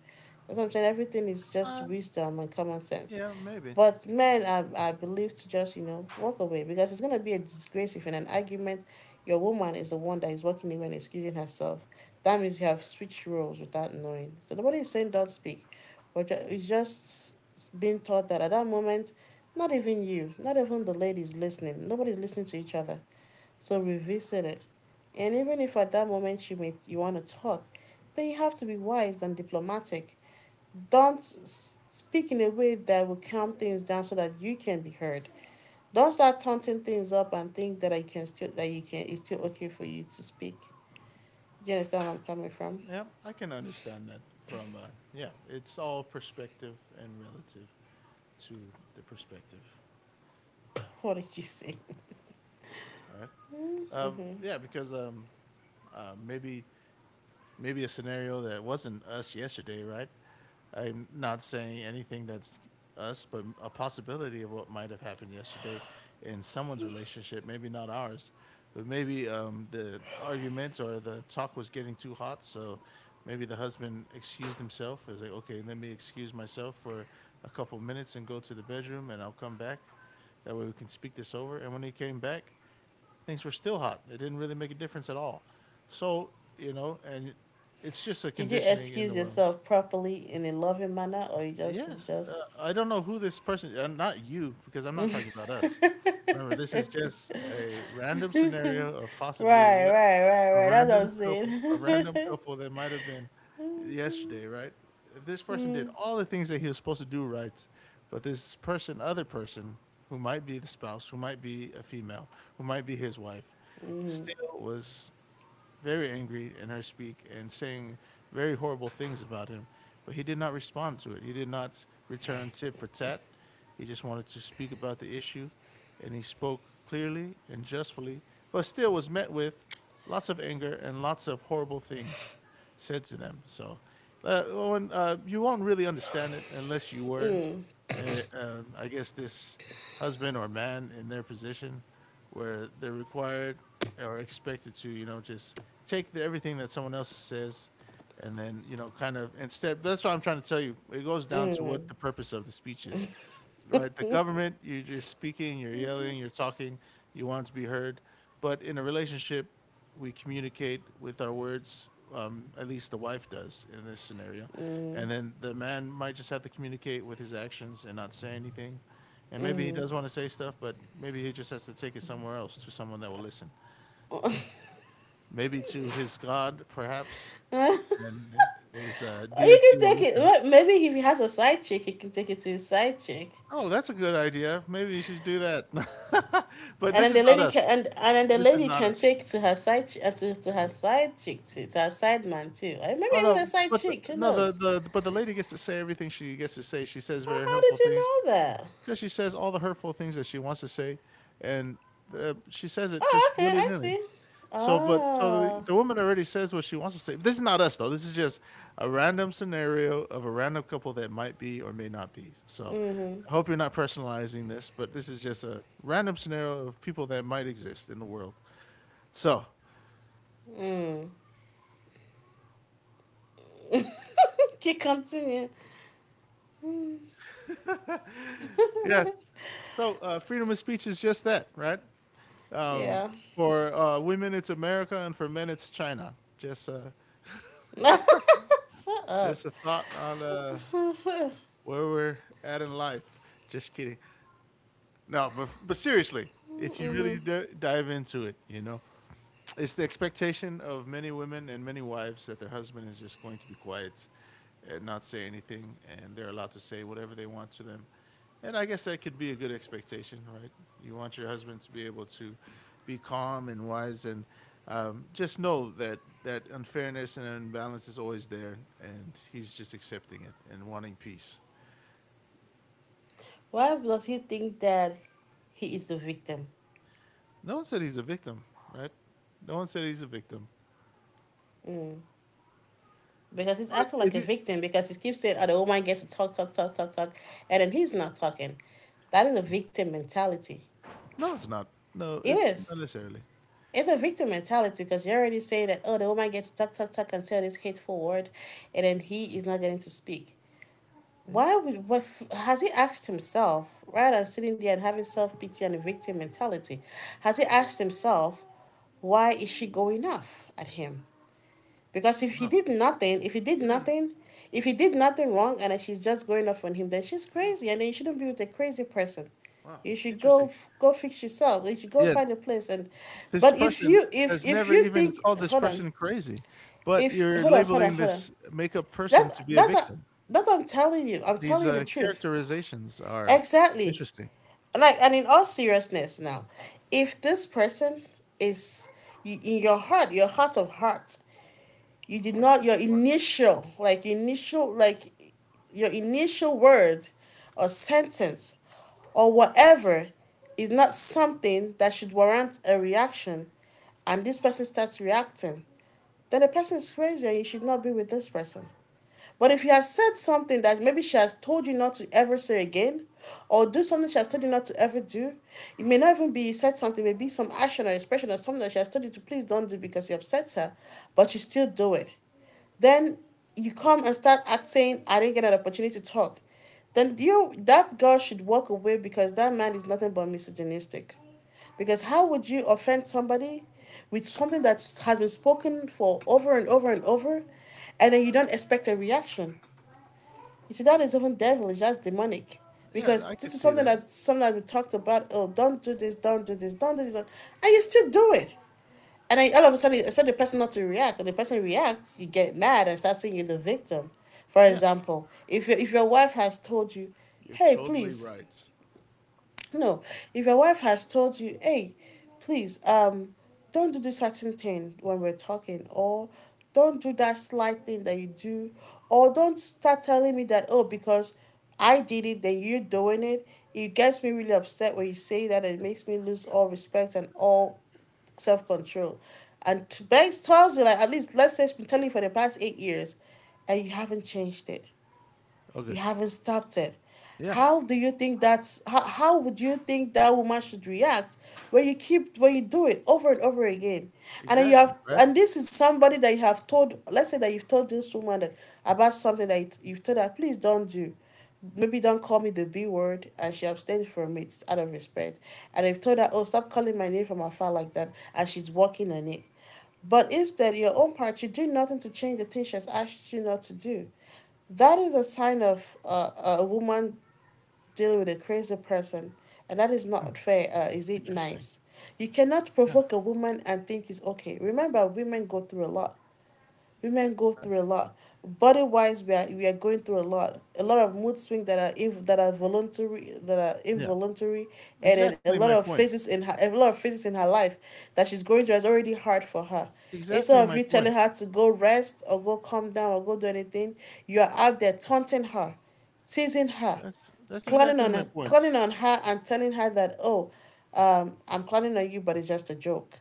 That's what I'm saying. Everything is just
Uh,
wisdom and common sense.
yeah, maybe.
But men are believed to just, you know, walk away because it's going to be a disgrace if in an argument your woman is the one that is walking away and excusing herself. That means you have switched roles without knowing. So nobody is saying don't speak, but it's just being taught that at that moment, not even you, not even the lady is listening. Nobody's listening to each other. So revisit it. And even if at that moment you want to talk, then you have to be wise and diplomatic. Don't speak in a way that will calm things down so that you can be heard. Don't start taunting things up and think that I can still that you can, it's still okay for you to speak. You understand where I'm coming from?
Yeah, I can understand that from, yeah, it's all perspective and relative to the perspective.
What did you say?
All right. Yeah, because maybe, a scenario that wasn't us yesterday, right? I'm not saying anything that's us, but a possibility of what might have happened yesterday in someone's relationship, maybe not ours, but maybe the argument or the talk was getting too hot. So maybe the husband excused himself as like, okay, let me excuse myself for a couple minutes and go to the bedroom and I'll come back. That way we can speak this over. And when he came back, things were still hot. It didn't really make a difference at all. So you know, and it's just a
Did you
conditioning in
excuse
the world.
yourself properly in a loving manner or you just
Yes,
just
I don't know who this person. Not you, because I'm not talking about us.
Right,
Remember, this is just a random scenario of possibly
right,
what
right, right. That's what I'm
a
saying.
random couple that might have been yesterday, right? If this person did
mm,
all the things that he was supposed to do right, but this person, other person, who might be the spouse, who might be a female, who might be his wife,
mm,
still was very angry in her speak and saying very horrible things about him. But he did not respond to it. He did not return tit for tat. He just wanted to speak about the issue, and he spoke clearly and justly, but still was met with lots of anger and lots of horrible things said to them. So, Owen, you won't really understand it unless you were, I guess, this husband or man in their position where they're required or expected to, you know, just take the, everything that someone else says, and then you know kind of instead that's what I'm trying to tell you. It goes down to what the purpose of the speech is, right? The government, you're just speaking, you're yelling, you're talking, you want to be heard. But in a relationship, we communicate with our words, at least the wife does in this scenario. And then the man might just have to communicate with his actions and not say anything, and maybe he
mm,
does want to say stuff, but maybe he just has to take it somewhere else to someone that will listen. Maybe to his God, perhaps,
mm.
and his,
You
deity will
can take it.
listen.
Well, maybe if he has a side chick, he can take it to his side chick,
"Oh, that's a good idea. Maybe you should do that." But
and
this
then
is not us.
then the
This is
lady
not
can
us.
take to her side ch- to her side chick too, to her side man too. Or maybe
Oh,
even
no,
the side
but the
chick. Who
no,
knows?
the but the lady gets to say everything she gets to say. She says
Oh,
very
how
hurtful
did you
things,
know that?
because she says all the hurtful things that she wants to say, and, she says it
Oh,
just
okay, I
willy-nilly.
see.
So the,
Oh,
the woman already says what she wants to say. This is not us though. This is just a random scenario of a random couple that might be or may not be. So,
mm-hmm.
I hope you're not personalizing this, but this is just a random scenario of people that might exist in the world. So,
Mm. Keep continue.
yeah. So, freedom of speech is just that, right? Um,
Yeah.
for women, it's America, and for men, it's China.
Shut up.
Just a thought on where we're at in life. Just kidding. No, but seriously, if you really
Mhm.
dive into it, you know, it's the expectation of many women and many wives that their husband is just going to be quiet and not say anything, and they're allowed to say whatever they want to them. And I guess that could be a good expectation, right? You want your husband to be able to be calm and wise, and just know that that unfairness and imbalance is always there, and he's just accepting it and wanting peace.
Why does he think that he is the victim?
No one said he's a victim, right? No one said he's a victim.
Because he's
But
acting
if
like a
you
victim because he keeps saying, oh, the woman gets to talk, and then he's not talking. That is a victim mentality.
no, it's not. No,
It
it's not
is.
necessarily.
It's a victim mentality because you are already saying that, oh, the woman gets to talk and say this hateful word, and then he is not getting to speak.
Yeah.
Why would, what, has he asked himself, rather than sitting there and having self pity and a victim mentality, has he asked himself, why is she going off at him? Because
No,
if he did
even
nothing, if he did nothing wrong and she's just going off on him, then she's crazy and then you shouldn't be with a crazy person.
wow,
You should
interesting.
go fix yourself. You should go
Yeah,
find a place and...
this
but
person has
if
never
you
even
think
called this
hold on.
person crazy, but
If
you're
hold on, hold on,
labeling
hold on.
this makeup person
That's
to be a
that's a
victim.
that's what I'm telling you. I'm
These
telling you the truth.
characterizations are
Exactly.
interesting.
Like, and in all seriousness now, if this person is in your heart of hearts, you did
Hearts
not
of
your
hearts.
initial like your initial word or sentence or whatever is not something that should warrant a reaction, and this person starts reacting, then the person is crazy and you should not be with this person. But if you have said something that maybe she has told you not to ever say again, or do something she has told you not to ever do, it may not even be said something, maybe some action or expression or something that she has told you to please don't do because it upsets her, but you still do it. Then you come and start acting, I didn't get an opportunity to talk. Then you... that girl should walk away because that man is nothing but misogynistic. Because how would you offend somebody with something that has been spoken for over and over and over, and then you don't expect a reaction? You see, that is even devilish. That's demonic.
Yeah,
Because
I
this
could
is
see
something
that.
that sometimes we talked about. Oh, don't do this, don't do this, don't do this, and you still do it. And then all of a sudden, expect the person not to react. When the person reacts, you get mad and start saying you're the victim. For
Yeah,
example, if your wife has told you,
you're
hey,
totally
please,
right.
no, if your wife has told you, hey, please, don't do this certain thing when we're talking, or don't do that slight thing that you do, or don't start telling me that, oh, because I did it, then you're doing it. It gets me really upset when you say that. It makes me lose all respect and all self control. And Banks tells you, like, at least let's say it's been telling you for the past 8 years, and you haven't changed it. You
Okay.
haven't stopped it.
Yeah,
How do you think how would you think that woman should react when you keep when you do it over and over again? And then you
exactly.
have...
Right.
and this is somebody that you have told, let's say that you've told this woman that, about something that you have told her, please don't do. Maybe don't call me the B word, and she abstained from it out of respect. And I've told her, oh, stop calling my name from afar like that, and she's working on it. But instead, your own part, you do nothing to change the thing she's asked you not to do. That is a sign of a woman dealing with a crazy person, and that is not
Hmm,
fair. Is it
interesting.
nice? You cannot
Yeah.
provoke a woman and think it's okay. Remember, women go
Yeah.
through a lot. Body wise, we are going through a lot. A lot of mood swings that are that are voluntary, that are
Yeah.
involuntary, and then
Exactly my point.
a lot of phases in her life that she's going through is already hard for her.
Exactly
Instead of
my
you telling
point.
her to go rest or go calm down or go do anything, you are out there taunting her, teasing her,
That's that's exactly my point.
clowning on her and telling her that, oh, I'm clowning on you, but it's just a joke.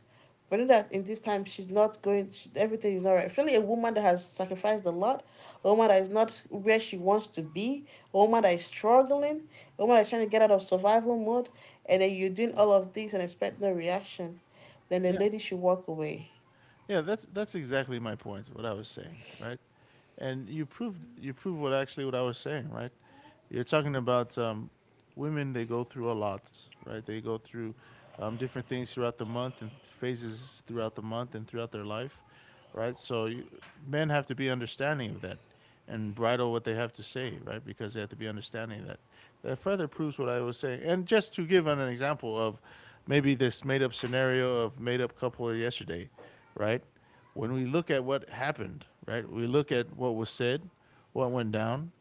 But in this time, she's not going. She, everything is not right. Especially a woman that has sacrificed a lot, a woman that is not where she wants to be, a woman that is struggling, a woman that is trying to get out of survival mode, and then you're doing all of this and expect no reaction. Then the
Yeah.
lady should walk away.
Yeah, that's exactly my point, what I was saying, right? And you proved what actually what I was saying, right? You're talking about women; they go through a lot, right? They go through different things throughout the month and phases throughout the month and throughout their life, right? So you, men have to be understanding of that and bridle what they have to say, right? Because they have to be understanding of that. That further proves what I was saying. And just to give an example of maybe this made up scenario of made up couple yesterday, right? When we look at what happened, right? We look at what was said, what went down.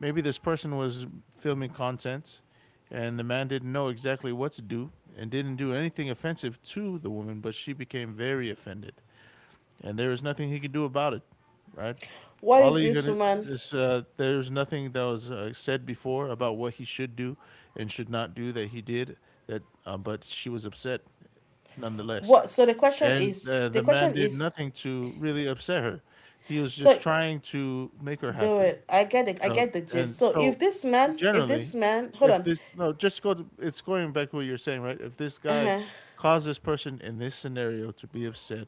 Maybe this person was filming content, and the man didn't know exactly what to do and didn't do anything offensive to the woman, but she became very offended. And there was nothing he could do about it, right?
What
All
if
he
this
could,
woman?
this, there's nothing that was said before about what he should do and should not do that he did, that, but she was upset nonetheless,
What? So the question
and
is.
the
The
the man
question
did
is.
nothing to really upset her. He was
So
just trying to make her
do
happy.
it. I get it. I
So
get the gist.
and
So
so
if
generally,
this man, hold
if
on.
this no, just go to it's going back to what you're saying, right? If this guy
Uh-huh.
caused this person in this scenario to be upset,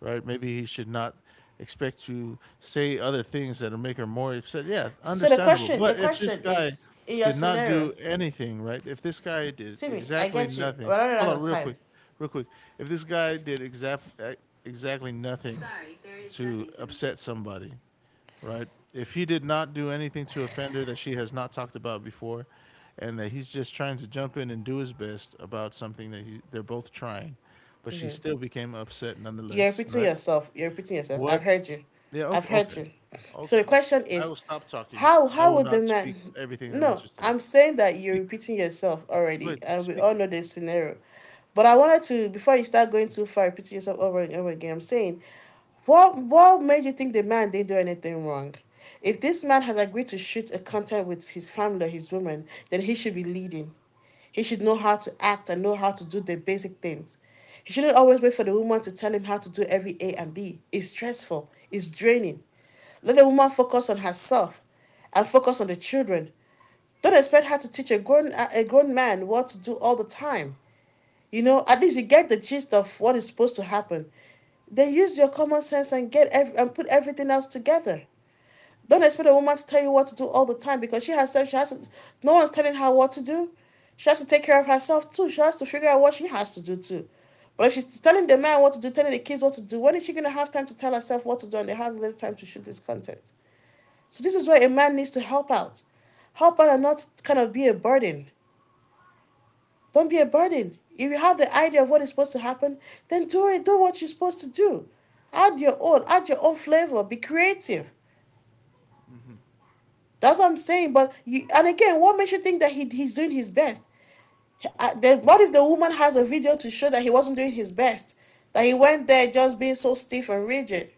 right? Maybe he should not expect to say other things that'll make her more upset. Yeah,
So
understandable.
the
But if this
question
guy
is, in your
did not
scenario,
do anything, right? If this guy did
see me. I
exactly
get you.
nothing,
We're running
hold
out
on,
of
real
time.
quick, real quick. If this guy did exactly nothing to upset somebody, right? If he did not do anything to offend her that she has not talked about before, and that he's just trying to jump in and do his best about something that he, they're both trying, but she still became upset nonetheless, right?
You're repeating yourself.
What?
I've heard you.
Yeah.
I've
Okay.
heard
Okay.
you. So the
Okay.
question
I
is,
will stop talking.
how
I will
would the
not speak
man?
everything I want
No,
to say.
I'm saying that you're
Speak.
repeating yourself
Go
already,
ahead.
and we
Speak.
all know this scenario. But I wanted to before you start going too far, repeating yourself over and over again. I'm saying, what made you think the man didn't do anything wrong? If this man has agreed to shoot a contact with his family or his woman, then he should be leading. He should know how to act and know how to do the basic things. He shouldn't always wait for the woman to tell him how to do every A and B. It's stressful, it's draining. Let the woman focus on herself and focus on the children. Don't expect her to teach a grown man what to do all the time. You know, at least you get the gist of what is supposed to happen. Then use your common sense and put everything else together. Don't expect a woman to tell you what to do all the time because she herself, she has to, no one's telling her what to do. She has to take care of herself too. She has to figure out what she has to do too. But if she's telling the man what to do, telling the kids what to do, when is she going to have time to tell herself what to do? And they have little time to shoot this content. So this is where a man needs to help out. Help out and not kind of be a burden. Don't be a burden. If you have the idea of what is supposed to happen, then do it. Do what you're supposed to do. Add your own. Add your own flavor. Be creative.
Hmm.
That's what I'm saying. But you, and again, what makes you think that he's doing his best? Then what if the woman has a video to show that he wasn't doing his best? That he went there just being so stiff and rigid.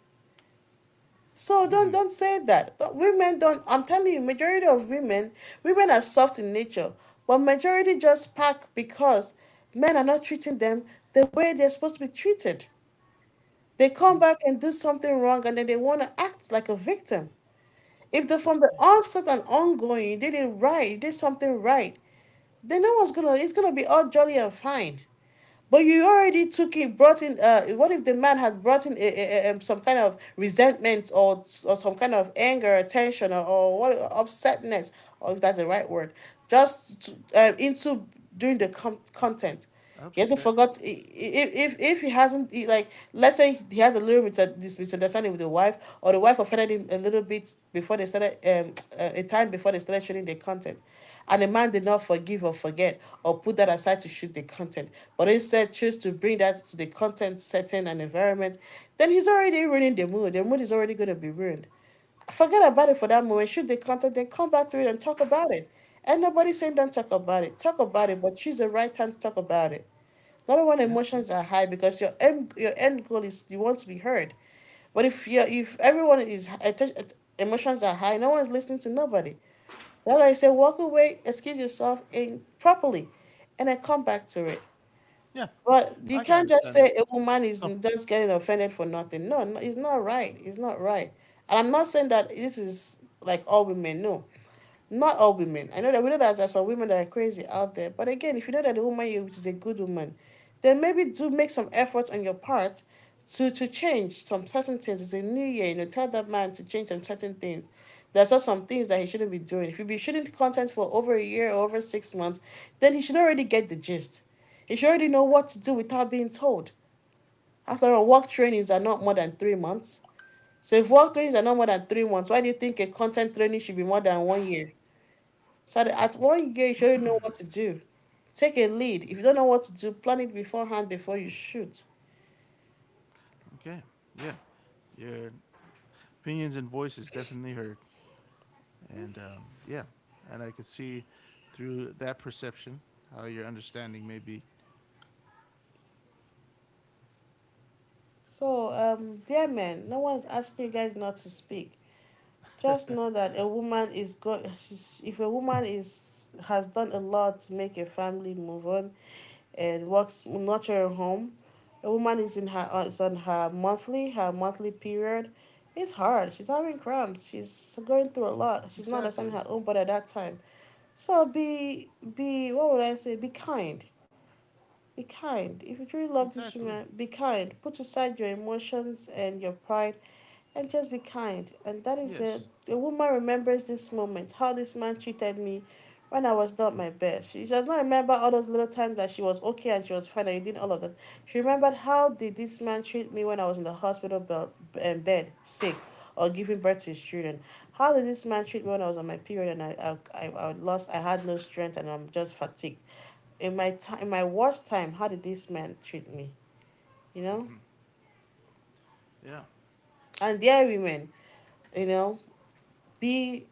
So don't
Hmm.
don't say that. But women don't. I'm telling you, majority of women, women are soft in nature, but majority just pack because men are not treating them the way they're supposed to be treated. They come back and do something wrong, and then they want to act like a victim. If the from the
Interesting.
onset and ongoing you did it right, you did something right, then no one's gonna it's gonna be all jolly and fine. But you already took it, brought in. What if the man had brought in some kind of resentment or some kind of anger, tension, or what upsetness, or if that's the right word, just to, into doing the content. He hasn't forgot
Upsetness.
if he hasn't he, like let's say he had a little bit misunderstanding with the wife, or the wife offended him a little bit before they started a time before they started shooting the content, and the man did not forgive or forget or put that aside to shoot the content, but instead chose to bring that to the content setting and environment, then he's already ruining the mood. The mood is already going to be ruined. Forget about it for that moment. Shoot the content, then come back to it and talk about it. And nobody's saying don't talk about it. Talk about it, but choose the right time to talk about it. Not when
Yeah.
emotions are high because your end goal is you want to be heard. But if you if everyone is emotions are high, no one's listening to nobody. That's why I say walk away, excuse yourself in properly, and then come back to it.
Yeah.
But you
I can
can't just
understand that.
say a woman is
Oh,
just getting offended for nothing. No, no, it's not right. It's not right. And I'm not saying that this is like all women. No, not all women. I know that we know that there's some women that are crazy out there. But again, if you know that the woman is a good woman, then maybe do make some efforts on your part to change some certain things. It's a new year, you know, tell that man to change some certain things. There's also some things that he shouldn't be doing. If you've been shooting content for over a year or over 6 months, then he should already get the gist. He should already know what to do without being told. After all, work trainings are not more than 3 months. So if work trainings are not more than 3 months, why do you think a content training should be more than 1 year? So that at 1 year, you should know what to do. Take a lead. If you don't know what to do, plan it beforehand before you shoot.
okay. Yeah. Your opinions and voices definitely heard. And yeah, and I could see through that perception how your understanding may be
So, dear men, no one's asking you guys not to speak. Just know that a woman is going. If a woman is has done a lot to make a family move on, and works nurture a home, a woman is on her monthly period. It's hard. She's having cramps. She's going through a lot. She's not understanding
exactly,
her own body at that time. So be what would I say? Be kind. Be kind. If you truly love this
exactly,
woman, be kind. Put aside your emotions and your pride and just be kind. And that is
yes,
the woman remembers this moment, how this man treated me when I was not my best. She does not remember all those little times that she was okay and she was fine and you did all of that. She remembered how did this man treat me when I was in the hospital belt and bed sick or giving birth to his children. How did this man treat me when I was on my period and I lost I had no strength and I'm just fatigued. In my time in my worst time, how did this man treat me? You know?
yeah.
And dear women, you know, be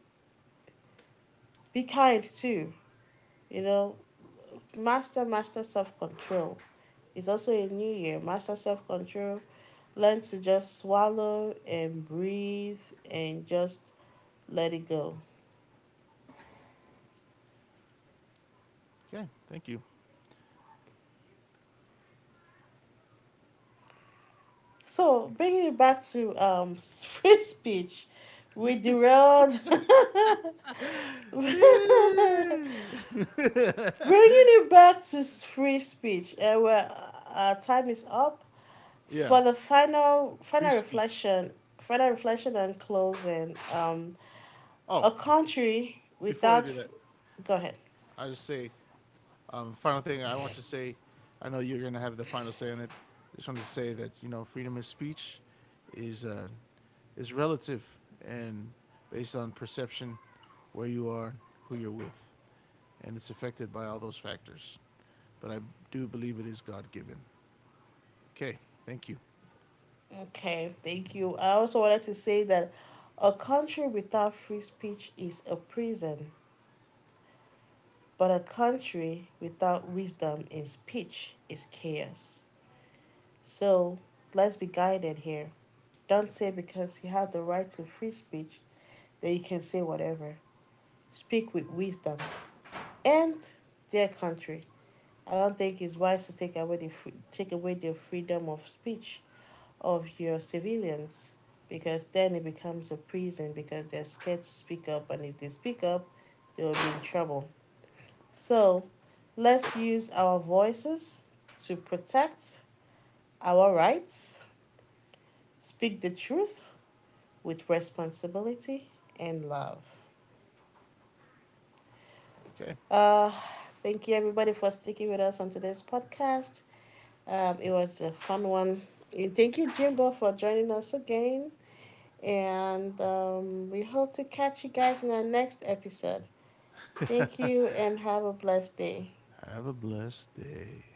Be kind too, you know. Master, master self control. It's also a new year. Master self control. Learn to just swallow and breathe and just let it go.
Okay, thank you.
So, bringing it back to free speech, we derailed. Bringing it back to free speech, and where our time is up.
Yeah,
For the final
free speech.
final reflection and closing, a
Oh,
country
before I
without.
do that,
Go ahead.
I just say final thing I want to say, I know you're going to have the final say on it. I just want to say that you know freedom of speech is uh, is relative and based on perception, where you are, who you're with, and it's affected by all those factors. But I do believe it is God given. Okay, thank you.
Okay, thank you. I also wanted to say that a country without free speech is a prison, but a country without wisdom in speech is chaos. So let's be guided here. Don't say because you have the right to free speech that you can say whatever. Speak with wisdom. And dear country, I don't think it's wise to take away the free, take away the freedom of speech of your civilians because then it becomes a prison because they're scared to speak up and if they speak up, they will be in trouble. So, let's use our voices to protect our rights, speak the truth with responsibility and love.
Okay,
Uh, thank you everybody for sticking with us on today's podcast. It was a fun one. And thank you, Jimbo, for joining us again. And we hope to catch you guys in our next episode. Thank you and have a blessed day.
have a blessed day.